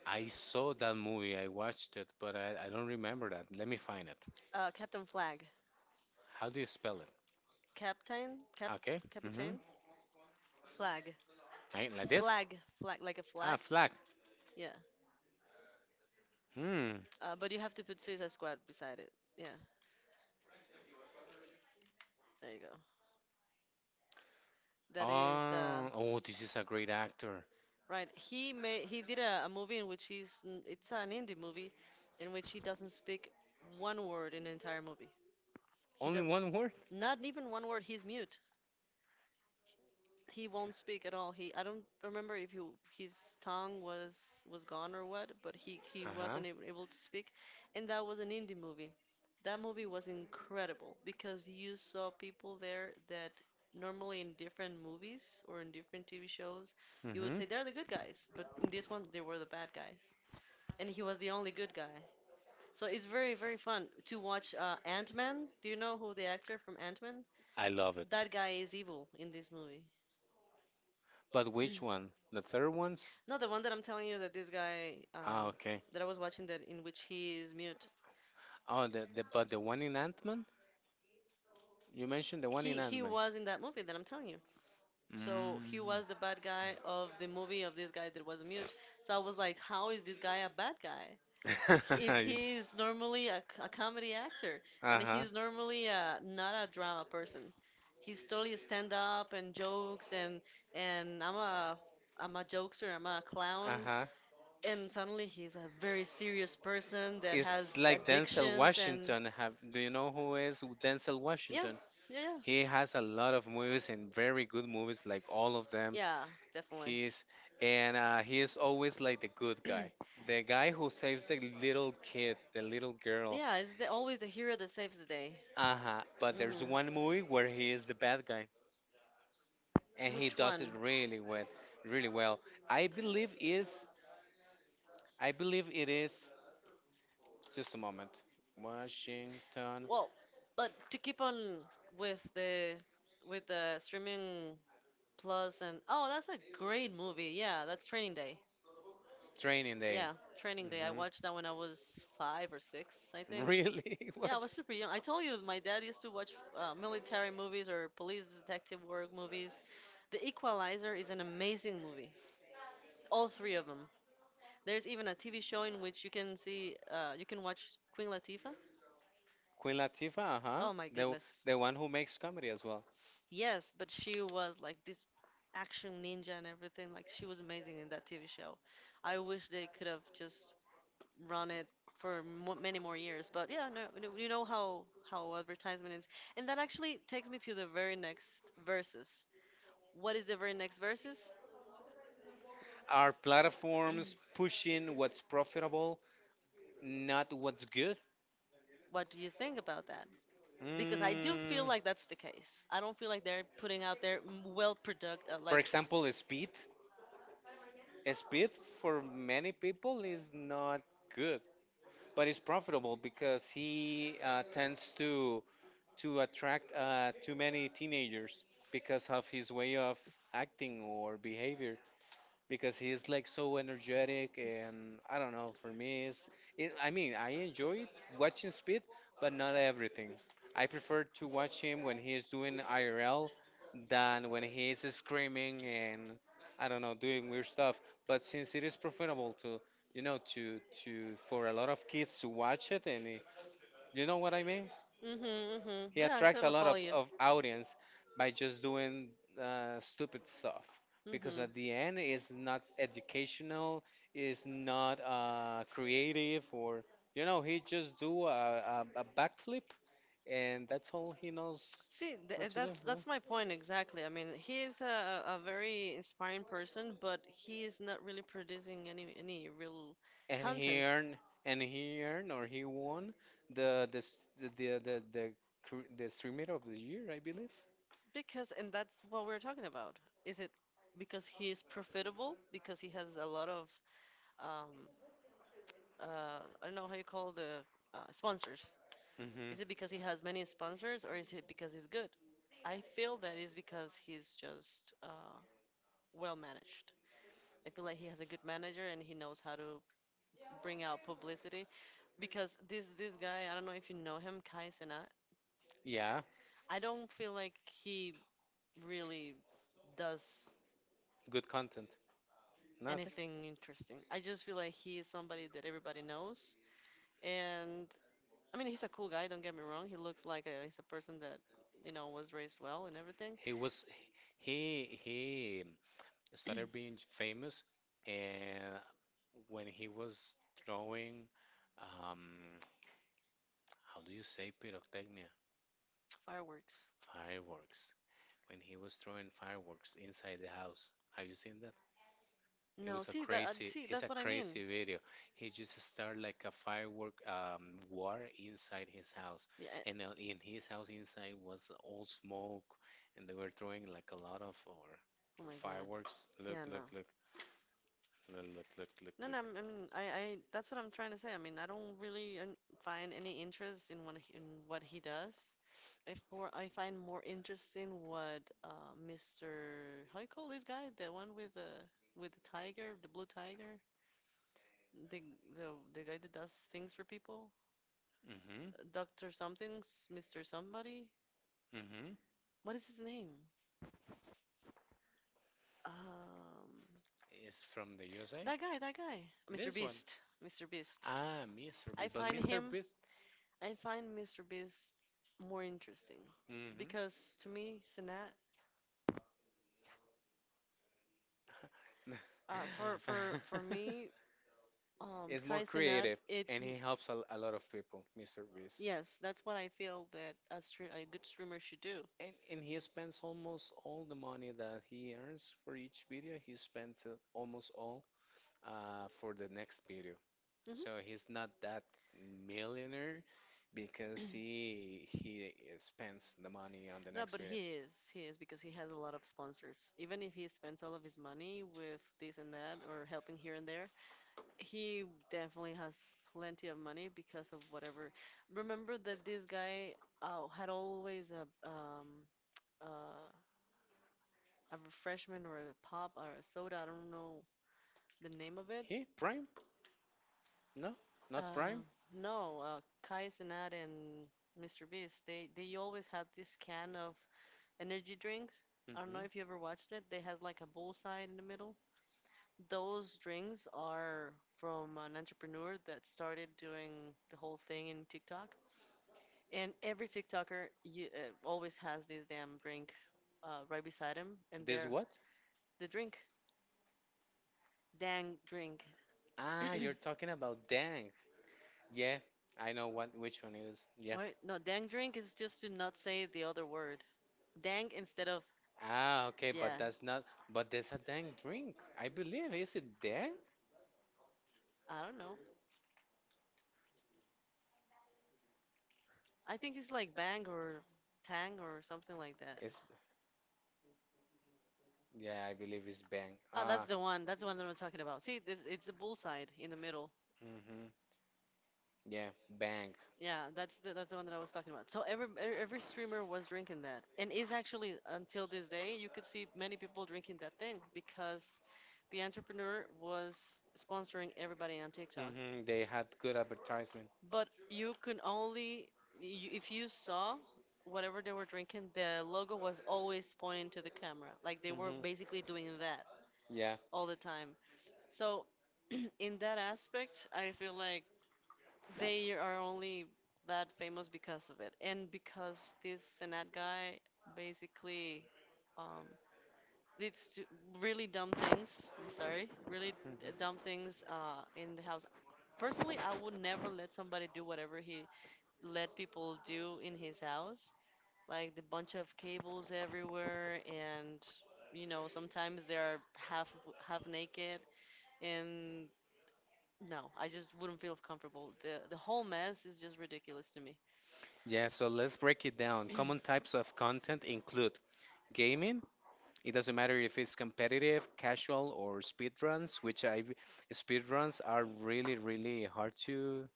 I saw that movie, I watched it, but I don't remember that. Let me find it.
Captain Flag.
How do you spell it?
Captain? Cap
Okay. Mm-hmm.
Captain? Flag.
Like this?
Flag. Flag. Like a
Ah,
flag?
Flag.
Yeah.
Hmm.
But you have to put Suicide Squad beside it. Yeah, there you go. That is
Oh, oh, this is a great actor.
right. He made he did a movie in which it's an indie movie, in which he doesn't speak one word in the entire movie. He does
Only one word?
not even one word. He's mute. He won't speak at all. He — I don't remember if he, his tongue was gone or what, but he
Uh-huh.
wasn't able to speak, and that was an indie movie. That movie was incredible because you saw people there that normally in different movies or in different TV shows, you would
Hmm.
say they're the good
So
guys, but in this one they were the bad guys, and he was the only good guy. So it's very very fun to watch Ant-Man. Do you know who the actor from Ant-Man?
I love it.
That guy is evil in this movie.
But which one? The third one's?
No, the one that I'm telling you that this guy
Ah, okay.
that I was watching that in which he is mute.
Oh, the but the one in Ant-Man? You mentioned the one in
He
Ant-Man.
was in that movie that I'm telling you.
So,
So
mm.
he was the bad guy of the movie of this guy that was mute. So I was like, how is this guy a bad guy? He- If he is
<laughs>
normally a, c- a comedy actor, and
Uh-huh. Uh-huh.
he's normally a, not a drama person. He's totally stand up and jokes, and and I'm a I'm a jokester, I'm a clown.
Uh-huh.
And suddenly he's a very serious person that has
It's like Denzel
addictions and —
Washington. Have do you know who is Denzel, yeah,
yeah,
Washington?
yeah, yeah,
He has a lot of movies and very good movies, like all of them.
yeah, definitely.
He's and he is always like the good guy, the guy who saves the little kid, the little girl.
Yeah, it's the, always the hero that saves the day.
Uh-huh. But there's
Hmm.
one movie where he is the bad guy, and he
Which
does it
one?
really well, really well. I believe is, I believe it is. Just a moment. Washington.
Well, but to keep on with the with the streaming plus and, oh, that's a great movie. Yeah, that's Training Day.
Training Day.
Yeah, Training Day. I
Hmm.
watched that when I was five or six, I think.
Really? <laughs>
Yeah, I
What?
was super young. I told you my dad used to watch military movies or police detective work movies. The Equalizer is an amazing movie. All three of them. There's even a TV show in which you can see, you can watch Queen Latifah.
Queen Latifah, uh-huh.
Oh my
The
goodness.
the one who makes comedy as well.
Yes, but she was like this action ninja and everything. Like she was amazing in that TV show. I wish they could have just run it for mo many more years. But yeah, no, you know how advertisement is, and that actually takes me to the very next verses. What is the very next verses?
Are platforms pushing what's profitable, not what's good?
What do you think about that? Because I do feel
Mm,
like that's the case. I don't feel like they're putting out their m- well product
for
like.
example, Speed. Speed for many people is not good, but it's profitable because he tends to attract too many teenagers because of his way of acting or behavior. Because he is like so energetic, and I don't know. For me, is it, I mean, I enjoy watching Speed, but not everything. I prefer to watch him when he is doing IRL than when he is screaming and I don't know doing weird stuff. But since it is profitable to you know to for a lot of kids to watch it, and eh, you know what I mean?
Mhm, mhm.
He
Yeah, I
attracts a
totally
lot
follow you.
of audience by just doing stupid stuff, because
Mhm.
at the end it's not educational, it's not creative, or you know he just do a backflip and that's all he knows
See, th-
what
eh,
to do.
that's
Yeah.
that's my point exactly. I mean, he is a very inspiring person, but he is not really producing any real
And he
content.
earned and he earned or he won the s- the, cr- the streamer of the year, I believe.
Because, and that's what we're talking about. Is it because he is profitable? Because he has a lot of um, uh, I don't know how you call the sponsors.
Hmm.
Is it because he has many sponsors or is it because he's good? I feel that is because he's just well managed. I feel like he has a good manager and he knows how to bring out publicity. Because this guy, I don't know if you know him, Kai Cenat.
Yeah, yeah,
I don't feel like he really does
good content. Nothing.
anything interesting. I just feel like he is somebody that everybody knows, and I mean, he's a cool guy. Don't get me wrong. He looks like a, he's a person that you know was raised well and everything.
He was he started being famous, and when he was throwing, um, how do you say pyrotechnia?
<tsk> Fireworks.
Fireworks. When he was throwing fireworks inside the house. Have you seen that?
No, see that see
It's a
that's what I mean.
crazy video. He just started like a firework war inside his house,
Yeah. I-
and in his house inside was all smoke, and they were throwing like a lot of or
Oh my God.
fireworks. Look,
Yeah, no,
look, look, look, look, look,
no, no. I
look.
mean, I that's what I'm trying to say. I mean, I don't really find any interest in what he does. I — for I find more interest in what Mr. — how you call this guy? The one with the tiger, the blue tiger. The the the guy that does things for people,
Mm-hmm,
Doctor something, Mister somebody.
mm-hmm.
What is his name? Um,
It's from the USA.
that guy, Mr.
This one.
Beast, Mr. Beast.
Ah, Mr.
I
Beast. But
find
Mr.
him,
Beast.
I find Mr. Beast more interesting because to me, Sinat, for
Mm-hmm. <laughs>
me,
is more
Kai Sinat,
creative
it's
and he
m-
helps a lot of people, Mr. Beast.
yes, that's what I feel that a stream, a good streamer should do.
And he spends almost all the money that he earns for each video, he spends it almost all for the next video. So he's not
Hmm.
that millionaire because he spends the money on the
No,
next
but
video.
he is. He is because he has a lot of sponsors. Even if he spends all of his money with this and that or helping here and there, he definitely has plenty of money because of whatever. Remember that this guy had always um uh, a refreshment or a pop or a soda. I don't know the name of it.
He Prime. No, not
Uh,
Prime.
no, Kai Cenat and Mr. Beast, they always had this can of energy drinks. I don't know
Hmm.
if you ever watched it. They has like a bullseye in the middle. Those drinks are from an entrepreneur that started doing the whole thing in TikTok. And every TikToker you, always has this damn drink right beside him, and
This
they're
what?
the drink, dang drink.
Ah, you're talking about Dang. Yeah, I know what which one it is. Yeah.
What? No, dang drink is just to not say the other word. Dang instead of
Ah, okay, but
yeah.
that's not. But there's a Dang drink. I believe. Is it Dang?
I don't know. I think it's like Bang or Tang or something like that. <laughs>
It's yeah, I believe it's Bang.
Oh,
Ah.
that's the one. That's the one that I'm talking about. See, this, it's a bullseye in the middle.
Hmm. Yeah, Bang.
Yeah, that's the one that I was talking about. So every e- every streamer was drinking that, and is actually until this day you could see many people drinking that thing because the entrepreneur was sponsoring everybody on TikTok.
Hmm. They had good advertisement.
But you can only, you, if you saw whatever they were drinking, the logo was always pointing to the camera. Like they were
Mhm.
basically doing that
Yeah.
all the time. So, <clears throat> in that aspect, I feel like they are only that famous because of it. And because this Senat guy basically um, did stu- really dumb things. I'm sorry, really
Mhm.
d- dumb things in the house. Personally, I would never let somebody do whatever he let people do in his house, like the bunch of cables everywhere, and you know sometimes they are half naked, and no, I just wouldn't feel comfortable. The whole mess is just ridiculous to me.
Yeah, so let's break it down. Common types of content include gaming. It doesn't matter if it's competitive, casual, or speedruns, which I speedruns are really, really hard to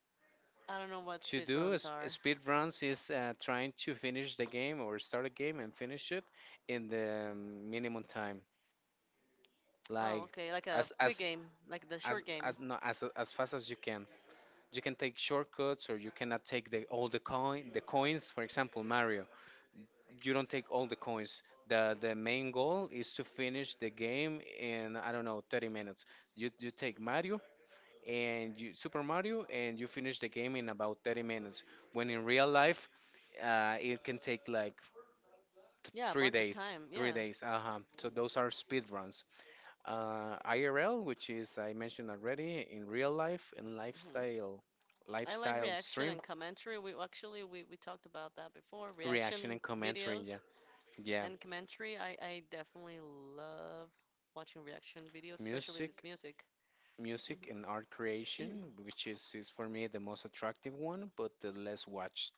I don't know what
to
speed
do.
runs are.
Speedruns is trying to finish the game or start a game and finish it in the minimum time.
Oh,
Like
okay, like a
as
quick
as
game, like the short game.
as no as fast as you can. You can take shortcuts, or you cannot take the all the coin the coins. For example, Mario, you don't take all the coins. The main goal is to finish the game in I don't know 30 minutes. You take Mario and you Super Mario and you finish the game in about 30 minutes. When in real life, it can take like
Yeah, a
three
bunch of
days.
time.
Three
Yeah.
days. Uh huh. So those are speed runs. IRL, which is I mentioned already, in real life and
Mhm.
lifestyle,
I like
lifestyle
reaction
stream,
and commentary. We talked about that before. Reaction
reaction and commentary. Yeah,
videos
yeah.
and commentary. I definitely love watching reaction videos, especially if it's
Music,
music.
music and art
Hmm. <clears throat>
creation, which is for me the most attractive one, but the less watched.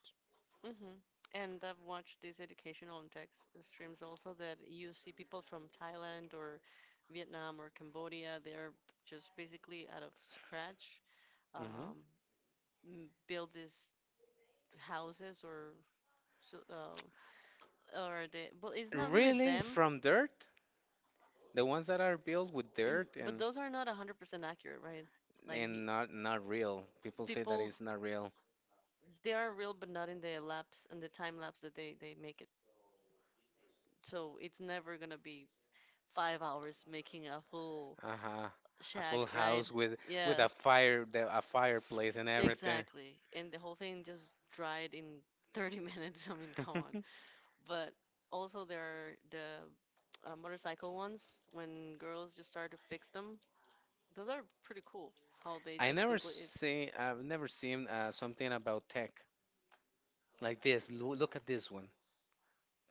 Hmm. And I've watched these educational and tech s- streams also that you see people from Thailand or Vietnam or Cambodia. They're just basically out of scratch,
Hmm.
um, m- build these houses or so, or the but it's not really
Really,
them.
from dirt, the ones that are built with
<clears throat>
dirt
But those are not 100% accurate, right? Like you,
and not not real. People say that
people
it's not real.
they are real but not in the lapse and the time lapse that they make it. So it's never gonna be 5 hours making a full
Uh-huh. A
shag,
full
right?
house with
Yeah,
a fire, a fireplace and everything.
exactly. And the whole thing just dried in 30 minutes. <laughs> I mean, come on.
<laughs>
But also there are the motorcycle ones when girls just start to fix them. Those are pretty cool how they
I
just
never
completely
see, I've never seen something about tech like this. Lo look at this one.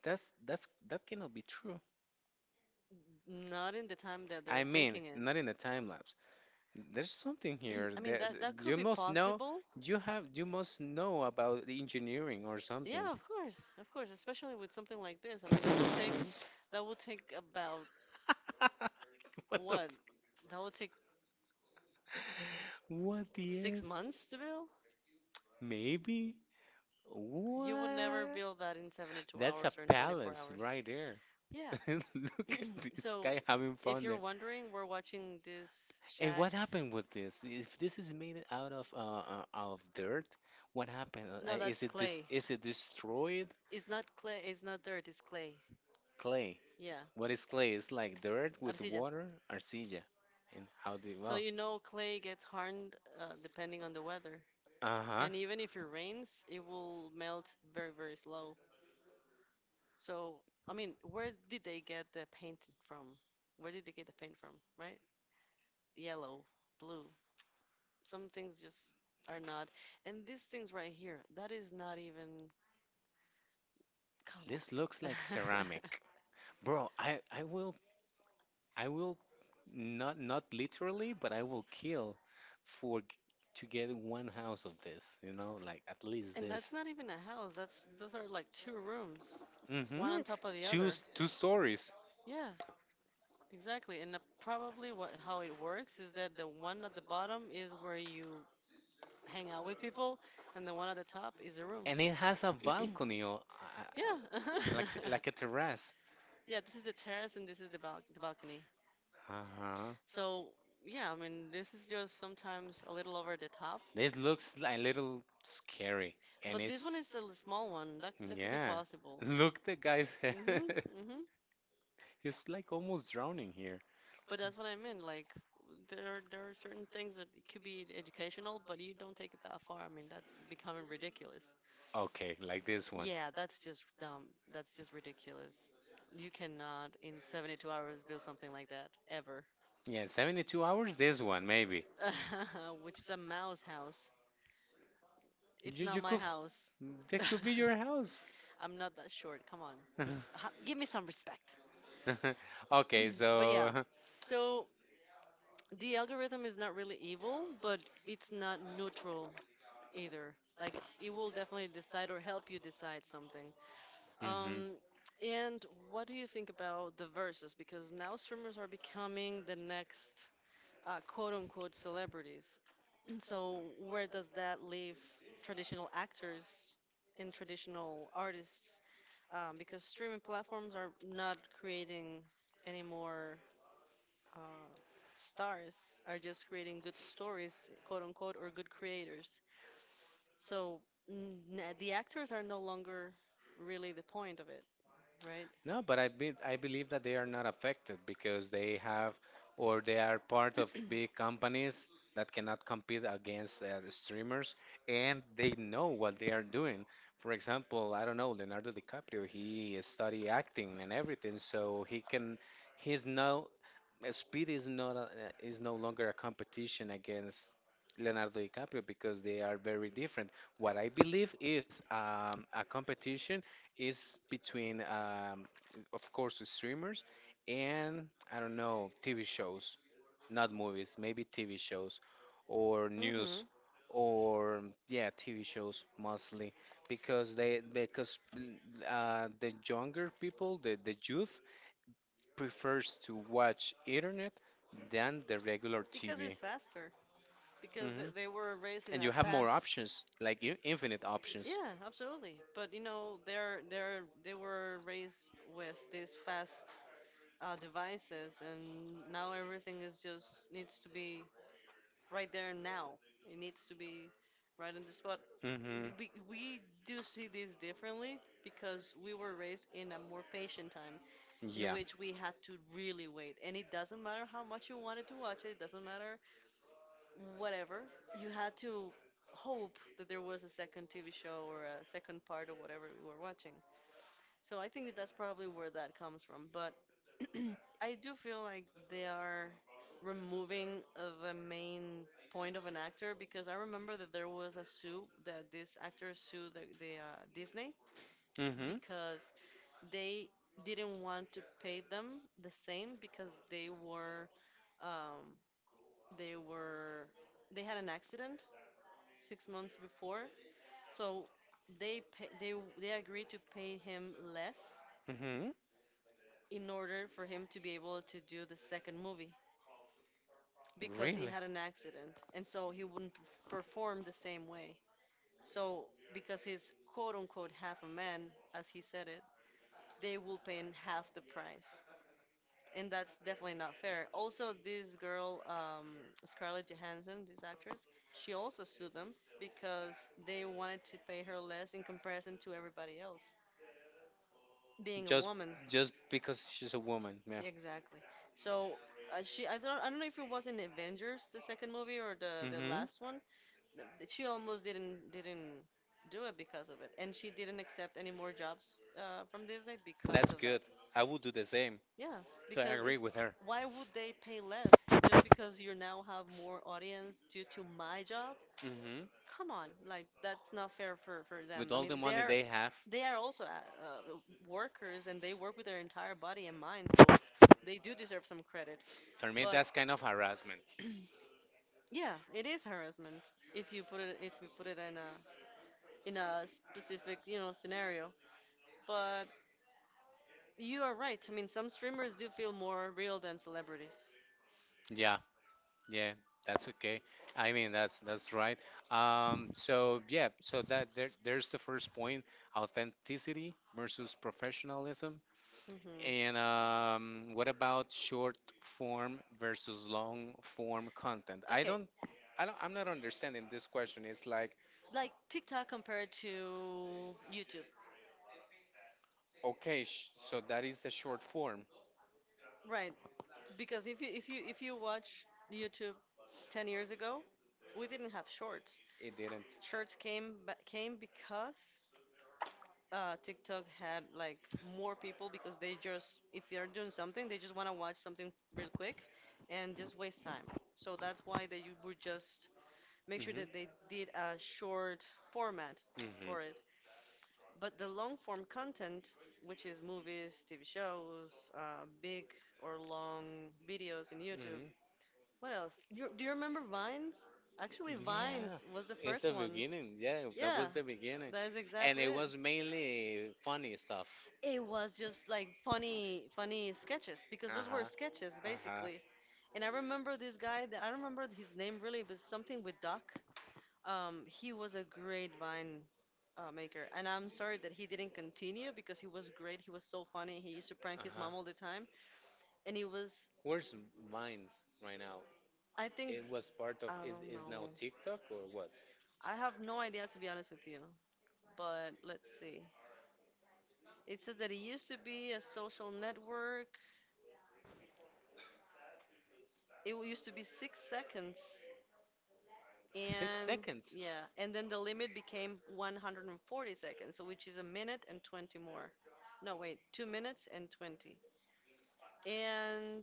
That's that cannot be true.
not in the time that
I
they're
mean,
thinking in.
not in the time lapse. There's something
<clears throat>
here
I mean
that
that
that
that could
you
be
must know.
possible.
You must know about the engineering or something.
Yeah, of course, especially with something like this. I mean
<laughs>
that would take about
What the?
what? That would take
What the
six
F?
months to build.
Maybe?
You would never
What?
build that in 72
That's a
hours or in 24
palace
hours.
right there.
Yeah.
<laughs> Look at this
So
guy having
if
fun
you're
there.
wondering, we're watching these
And what
shacks.
happened with this? If this is made out of dirt, what happened?
No,
Is
that's
it this?
clay.
Is it destroyed
It's not clay. It's not dirt. It's clay.
clay?
Yeah,
What is clay? It's like dirt with
arcilla.
water, arcilla. And how do you,
So
well?
you know clay gets hardened depending on the weather,
Uh huh.
and even if it rains, it will melt very very slow. So I mean, where did they get the paint from? Where did they get the paint from? Right? Yellow, blue. Some things just are not. And these things right here, that is not even. Come on.
This looks like ceramic, bro. I will not not literally, but I will kill for g- to get
<laughs>
one house of this, you know, like at least
And
this.
that's not even a house. That's — those are like two rooms, one
Mm-hmm.
on top of the
Two
other.
two stories,
Yeah, exactly. And probably what how it works is that the one at the bottom is where you hang out with people, and the one at the top is a room.
and it has a balcony or
Yeah. <laughs>
like a terrace.
Yeah, this is the terrace and this is the bal the balcony.
Uh-huh.
So, yeah, I mean, this is just sometimes a little over the top,
This looks a little scary, and
but this
it's
one is a l- small one. That that could be
yeah. <laughs>
possible.
Look, the guy's
<laughs>
head.
Hmm,
<laughs>
hmm.
He's like almost drowning here.
But that's what I meant. Like there are certain things that could be educational, but you don't take it that far. I mean, that's becoming ridiculous. Okay,
Okay, like
I get S-
this
it.
one.
Yeah, that's just dumb. That's just ridiculous. You cannot in 72 hours build something like that ever.
Yeah, 72 hours? There's one, maybe.
<laughs> Which is a mouse house. It's
You,
not
you
my
could, f-
house.
that could be your house.
<laughs> I'm not that short. Come on. Res-
<laughs>
ha- give me some respect.
Okay,
But yeah.
so, <laughs>
So the algorithm is not really evil, but it's not neutral either. Like, it will definitely decide or help you decide something. Um,
mhm.
and what do you think about the verses? Because now streamers are becoming the next quote unquote celebrities. <clears throat> So where does that leave traditional actors and traditional artists? Because streaming platforms are not creating any more uh, stars, are just creating good stories, quote unquote, or good creators. So the actors are no longer really the point of it, right?
No, but I believe that they are not affected because they have or they are part of big companies that cannot compete against the streamers and they know what they are doing. For example, I don't know, Leonardo DiCaprio, he study acting and everything, so he can he's now Speed is not a, is no longer a competition against Leonardo DiCaprio because they are very different. What I believe is a competition is between, of course, the streamers and I don't know TV shows, not movies, maybe TV shows or news
hmm
or yeah TV shows mostly because mm, the younger people, the youth prefers to watch internet than the regular
Because it's
TV.
faster. Because
Hmm.
they were raised in
And
a
you have more
fast.
options, like infinite options.
Yeah, absolutely. But you know, they were raised with these fast devices, and now everything is just needs to be right there and now. It needs to be right on the spot.
Hmm.
We do see this differently because we were raised in a more patient time in
Yeah.
which we had to really wait. And it doesn't matter how much you wanted to watch it, it doesn't matter whatever. You had to hope that there was a second TV show or a second part of whatever we were watching. So I think that that's probably where that comes from. But <clears throat> I do feel like they are removing the main point of an actor, because I remember that there was a sue that this actor sued the Disney
Hmm.
because they didn't want to pay them the same because um, they were they had an accident six months before, so they pay, they they agreed to pay him less
Hmm.
in order for him to be able to do the second movie because he
Really?
had an accident and so he wouldn't p- perform the same way. So, because he's quote unquote half a man, as he said it, they will pay him half the price. And that's definitely not fair. Also, this girl, Scarlett Johansson, this actress, she also sued them because they wanted to pay her less in comparison to everybody else, being a
Just,
woman.
just because she's a woman. Yeah.
Exactly. So she, I don't know if it was in Avengers, the second movie or the
Hmm.
last one. She almost didn't do it because of it, and she didn't accept any more jobs from Disney because
That's
of that.
good. I would do the same.
Yeah,
So I
because
agree
it's
with her.
why would they pay less? Because you now have more audience due to my job.
Hmm.
Come on, like that's not fair for
With
them. I
all
mean,
the money
they're,
they have,
they are also workers and they work with their entire body and mind, so they do deserve some credit.
for me
But
that's kind of harassment.
yeah, it is harassment if you put it in a specific, you know, scenario. But you are right. I mean, some streamers do feel more real than celebrities.
Yeah, yeah, that's okay. I mean, that's right. So yeah, so that there, there's the first point, authenticity versus professionalism.
Hmm
And what about short form versus long form content?
Okay,
I don't, I'm not understanding this question. It's like,
like TikTok compared to YouTube.
okay, sh so that is the short form.
Right, because if you watch YouTube 10 years ago, we didn't have shorts.
It didn't.
Shorts came because TikTok had like more people because they just, if they're doing something, they just want to watch something real quick and just waste time. So that's why they would just make sure
Mm-hmm.
that they did a short format
Mm-hmm.
for it. But the long form content, which is movies, TV shows, big or long videos in YouTube. What else? Do you remember Vines? Actually,
Hmm. Yeah,
Vines was the
it's the
first one.
beginning. Yeah, that
Yeah,
was the beginning,
that is
and it
exactly
exactly.
it.
was mainly funny stuff.
It was just like funny, funny sketches, because
Uh
those were
huh.
sketches
Uh huh.
basically. And I remember this guy that I don't remember his name really, but something with Duck. He was a great Vine maker, and I'm sorry that he didn't continue because he was great. He was so
So
funny. He used to prank
uh
his
huh.
mom all the time, and he was,
Where's Vines right now?
I think,
It was part of
I don't
is
know.
now TikTok or what?
I have no idea, to be honest with you, but let's see. It says that it used to be a social network. It used to be six seconds.
Six
And
seconds.
yeah, and then the limit became 140 seconds, so which is a minute and 20 more. No, wait, two minutes and 20. And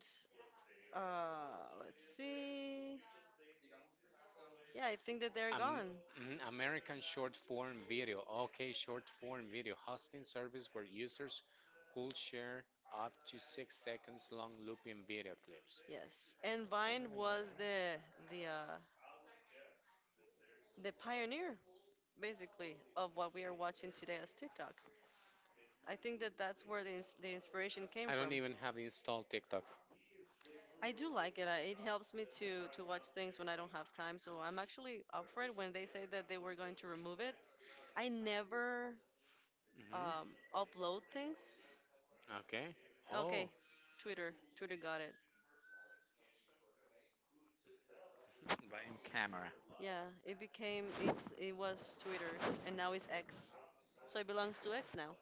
let's see. Yeah, I think that they're
Am
gone.
mhm, American short form video. Okay, short form video hosting service where users could share up to 6 seconds long looping video clips.
Yes, and Vine
What
was
the heck?
the uh, the pioneer basically of what we are watching today as TikTok. I think that that's where the inspiration came
I don't from.
from.
Even have installed TikTok.
I do like it. It helps me to watch things when I don't have time. So I'm actually up for it. When they say that they were going to remove it, I never
Hmm.
um, upload things.
Okay. Oh,
Okay, Twitter got it.
right camera.
Yeah, it became it was Twitter's and now it's X. So it belongs to X now.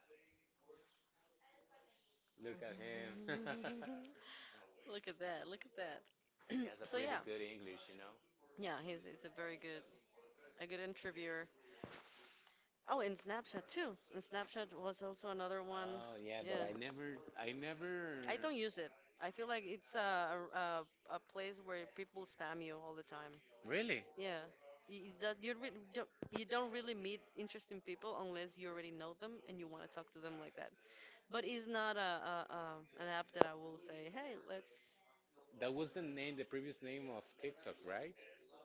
Look at him. <laughs>
<laughs> Look at that. Look at that.
he
<clears throat>
has a
So
pretty
yeah,
Yeah. good English, you know.
yeah, he's a very good, a good interviewer. Oh, and Snapchat too. And Snapchat was also another one.
Oh yeah, but
Yeah.
I never.
I don't use it. I feel like it's a, a place where people spam you all the time.
Really?
Yeah, you, that you re don't you don't really meet interesting people unless you already know them and you want to talk to them like that. But it's not a, an app that I will say, hey, let's
That was the name, the previous name of TikTok, right?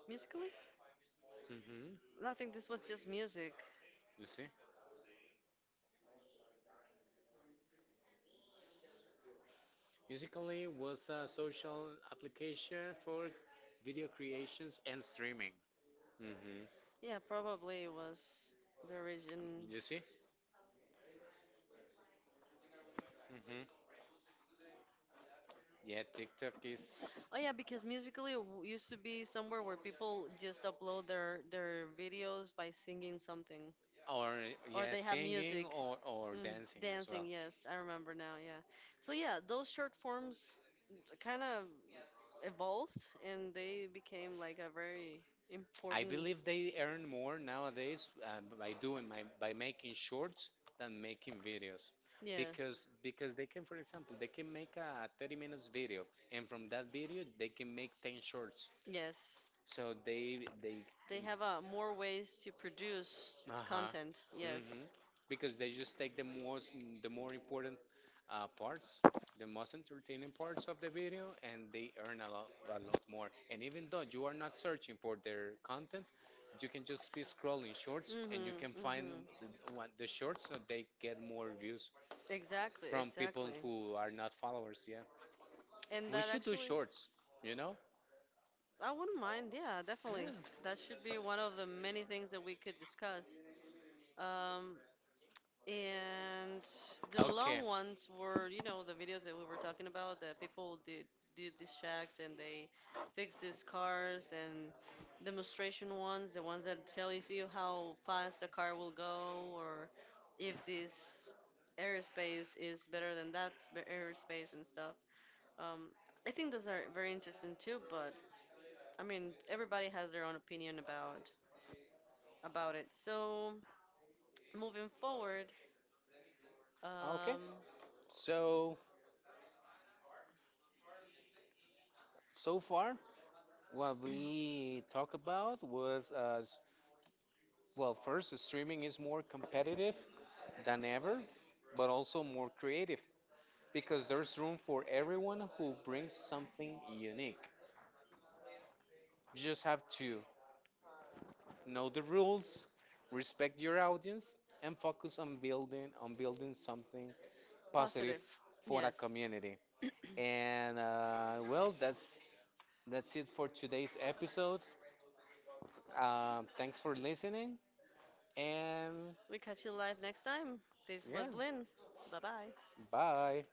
musically.
Mm-hmm.
And I think this was just music.
You see? Musically was a social application for video creations and streaming. Mm-hmm.
Yeah, probably it was the origin.
You see? Mm-hmm. Yeah, TikTok is
Oh yeah, because Musically used to be somewhere where people just upload their videos by singing something.
or
Or
yeah,
they have
singing
music.
or
Mm,
dancing as
dancing,
well.
yes, I remember now, yeah. So yeah, those short forms kind of evolved and they became like a very
I
important,
believe they earn more nowadays by doing my by making shorts than making videos,
yeah,
because they can, for example, they can make a 30 minutes video, and from that video they can make 10 shorts.
yes.
So they
They have more ways to produce
uh
content,
hmm.
yes.
Because they just take the most, the more important parts, the most entertaining parts of the video, and they earn a lot more. And even though you are not searching for their content, you can just be scrolling shorts,
Mm-hmm,
and you can find
mm-hmm.
the- what the shorts, so they get more views
Exactly,
from people
exactly.
who are not followers. Yeah,
And
we
that
should do
actually,
shorts. You know?
I wouldn't mind, yeah, definitely.
Yeah.
That should be one of the many things that we could discuss. Um, And the
Okay.
long ones were, you know, the videos that we were talking about that people did these shacks and they fixed these cars and demonstration ones, the ones that tell you see how fast a car will go, or if this airspace is better than airspace and stuff. Um, I think those are very interesting too, but I mean, everybody has their own opinion about it. So moving forward.
Okay.
Um,
So, so far, what we talk about was, well, first, streaming is more competitive than ever, but also more creative because there's room for everyone who brings something unique. You just have to know the rules, respect your audience, and focus on building something positive
positive.
for a
Yes.
community. And well, that's it for today's episode. Thanks for listening. And
We catch you live next time. This
yeah,
was Lynn. Bye bye.
bye.